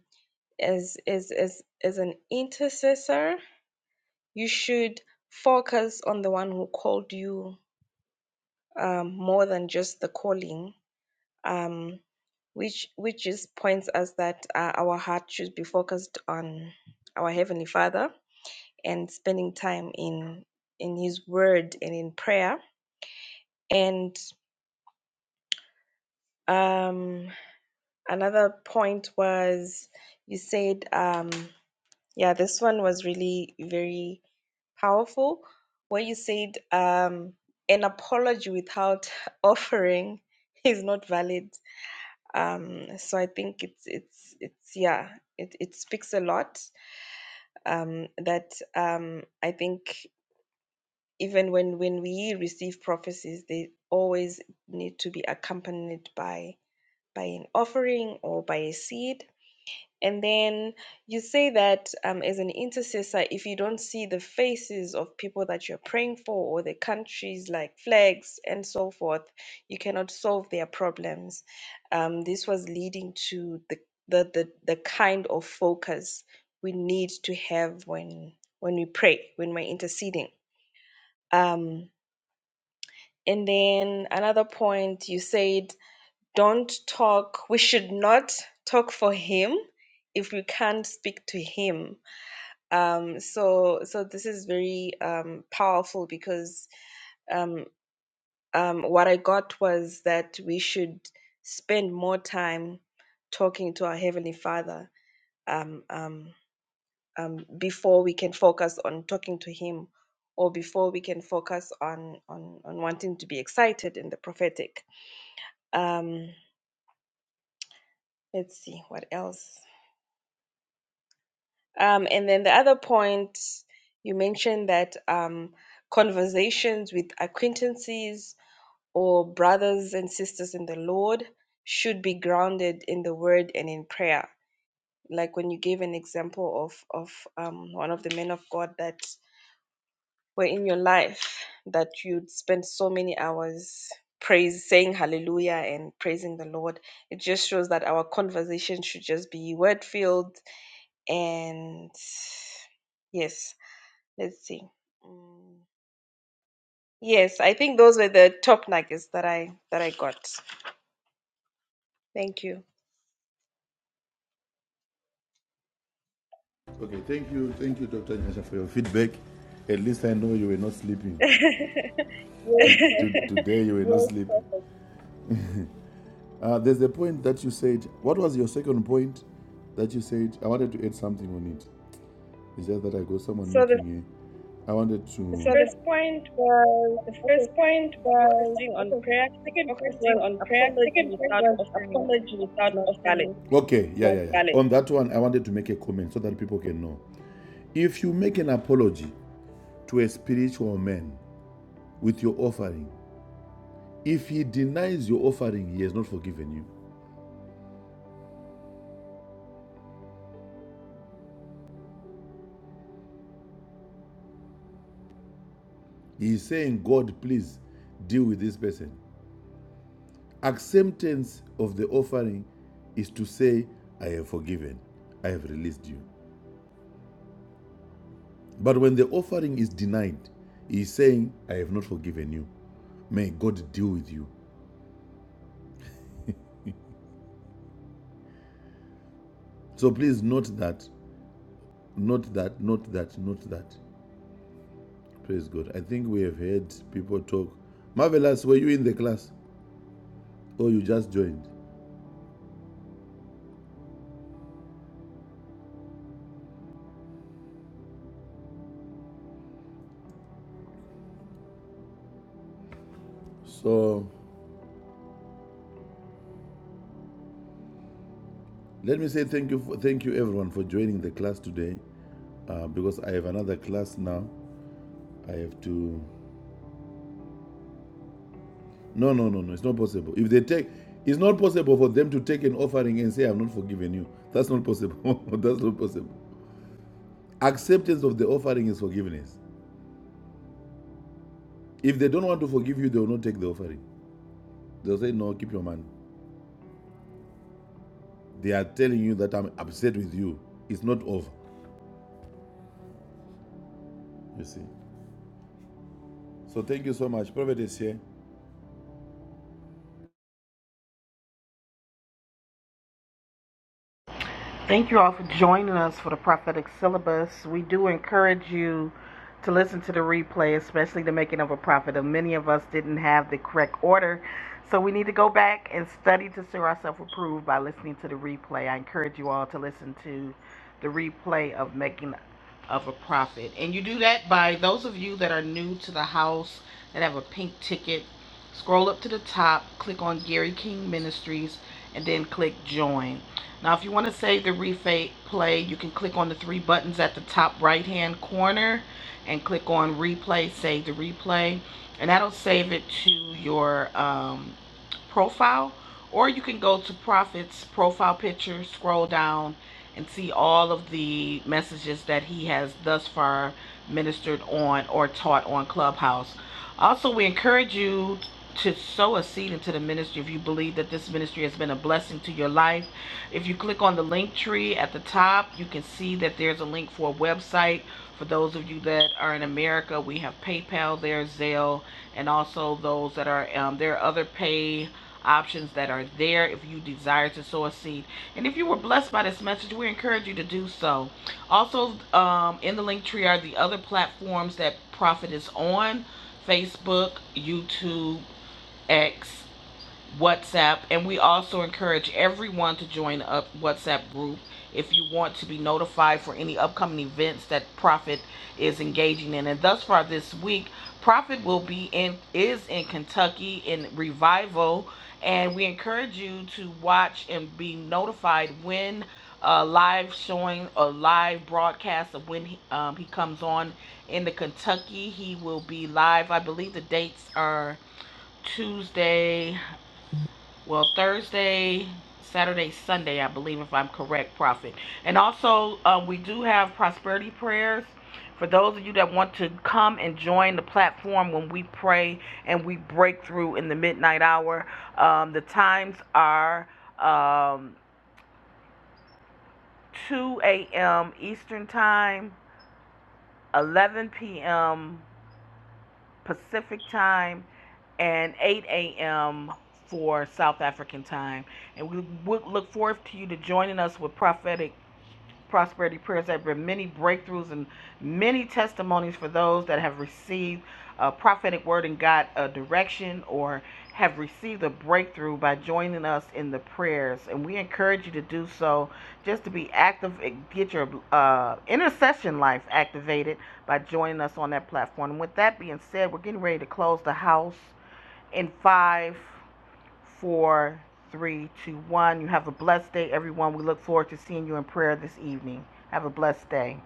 I: as as as as an intercessor, you should focus on the one who called you um more than just the calling. um, which which just points us that uh, our heart should be focused on our heavenly Father and spending time in in His Word and in prayer. And um, another point was you said, um, yeah, this one was really very powerful, where you said um, an apology without offering is not valid um so i think it's it's it's yeah it, it speaks a lot um that um i think even when when we receive prophecies they always need to be accompanied by by an offering or by a seed and then you say that um, as an intercessor, if you don't see the faces of people that you're praying for or the countries like flags and so forth, you cannot solve their problems. Um, this was leading to the, the, the, the kind of focus we need to have when, when we pray, when we're interceding. Um, and then another point you said, don't talk, we should not talk for him if we can't speak to him um so so this is very um powerful because um um what i got was that we should spend more time talking to our heavenly father um um um before we can focus on talking to him or before we can focus on on on wanting to be excited in the prophetic um let's see what else Um, and then the other point, you mentioned that um, conversations with acquaintances or brothers and sisters in the Lord should be grounded in the word and in prayer. Like when you gave an example of, of um, one of the men of God that were in your life, that you'd spend so many hours praise, saying hallelujah and praising the Lord. It just shows that our conversation should just be word filled and yes Let's see. Mm, Yes, I think those were the top nuggets that I that I got. Thank you.
A: Okay, thank you, thank you, Dr. Nyasha, for your feedback. At least I know you were not sleeping.
I: yes, perfect.
A: Today you were not sleeping. Uh, there's a point that you said. What was your second point that you said? I wanted to add something on it. It's just that I got someone
I: So the,
A: knocking here. I wanted
I: the
A: to. So the,
I: first point was
A: the
I: okay,
A: first point was
I: focusing on prayer. Second point
A: focusing
I: was
A: on prayer.
I: apology
A: Second point
I: without
A: was
I: offering
A: apology
I: is
A: without
I: not valid.
A: offering. Okay, yeah, Yes, yeah, yeah. On that one, I wanted to make a comment so that people can know. If you make an apology to a spiritual man, with your offering. If he denies your offering, he has not forgiven you. He is saying, God, please deal with this person. Acceptance of the offering is to say, I have forgiven, I have released you. But when the offering is denied, he is saying, I have not forgiven you. May God deal with you. So please note that, note that, note that, note that. Praise God. I think we have heard people talk. Marvelous, were you in the class? Or you just joined? So Let me say thank you, for, thank you everyone for joining the class today. Uh, because I have another class now. I have to. No, no, no, no. It's not possible. If they take, it's not possible for them to take an offering and say, "I've not forgiven you." That's not possible. That's not possible. Acceptance of the offering is forgiveness. If they don't want to forgive you, they will not take the offering. They'll say, "No, keep your money." They are telling you that I'm upset with you. It's not over. You see. So thank you so much. Prophet is here.
B: Thank you all for joining us for the prophetic syllabus. We do encourage you to listen to the replay, especially the making of a prophet. And many of us didn't have the correct order, so we need to go back and study to see ourselves approved by listening to the replay. I encourage you all to listen to the replay of making of a profit. And you do that by those of you that are new to the house that have a pink ticket. Scroll up to the top, click on Gary King Ministries, and then click join. Now, if you want to save the replay, you can click on the three buttons at the top right hand corner and click on replay, save the replay, and that'll save it to your um, profile. Or you can go to Profits profile picture, scroll down and see all of the messages that he has thus far ministered on or taught on Clubhouse. Also, we encourage you to sow a seed into the ministry if you believe that this ministry has been a blessing to your life. If you click on the link tree at the top, you can see that there's a link for a website. For those of you that are in America, we have PayPal there, Zelle, and also those that are um, there are other pay options that are there if you desire to sow a seed and if you were blessed by this message, we encourage you to do so. Also, um, in the link tree are the other platforms that Prophet is on Facebook, YouTube, X, WhatsApp, and we also encourage everyone to join a WhatsApp group if you want to be notified for any upcoming events that Prophet is engaging in. And thus far this week, Prophet will be in is in Kentucky in revival, and we encourage you to watch and be notified when. A live showing, a live broadcast of when he, um, he comes on in the Kentucky. He will be live. I believe the dates are Tuesday. Well, Thursday, Saturday, Sunday, I believe, if I'm correct, Prophet. And also, um, we do have prosperity prayers for those of you that want to come and join the platform when we pray and we break through in the midnight hour. Um, the times are um, 2 a.m. Eastern Time, 11 p.m. Pacific time and 8 a.m. for South African time. And we would look forward to you to joining us with prophetic prosperity prayers. There have been many breakthroughs and many testimonies for those that have received a prophetic word and got a direction or have received a breakthrough by joining us in the prayers. And we encourage you to do so just to be active and get your uh, intercession life activated by joining us on that platform. And with that being said, we're getting ready to close the house in five four, three, two, one. You have a blessed day, everyone. We look forward to seeing you in prayer this evening. Have a blessed day.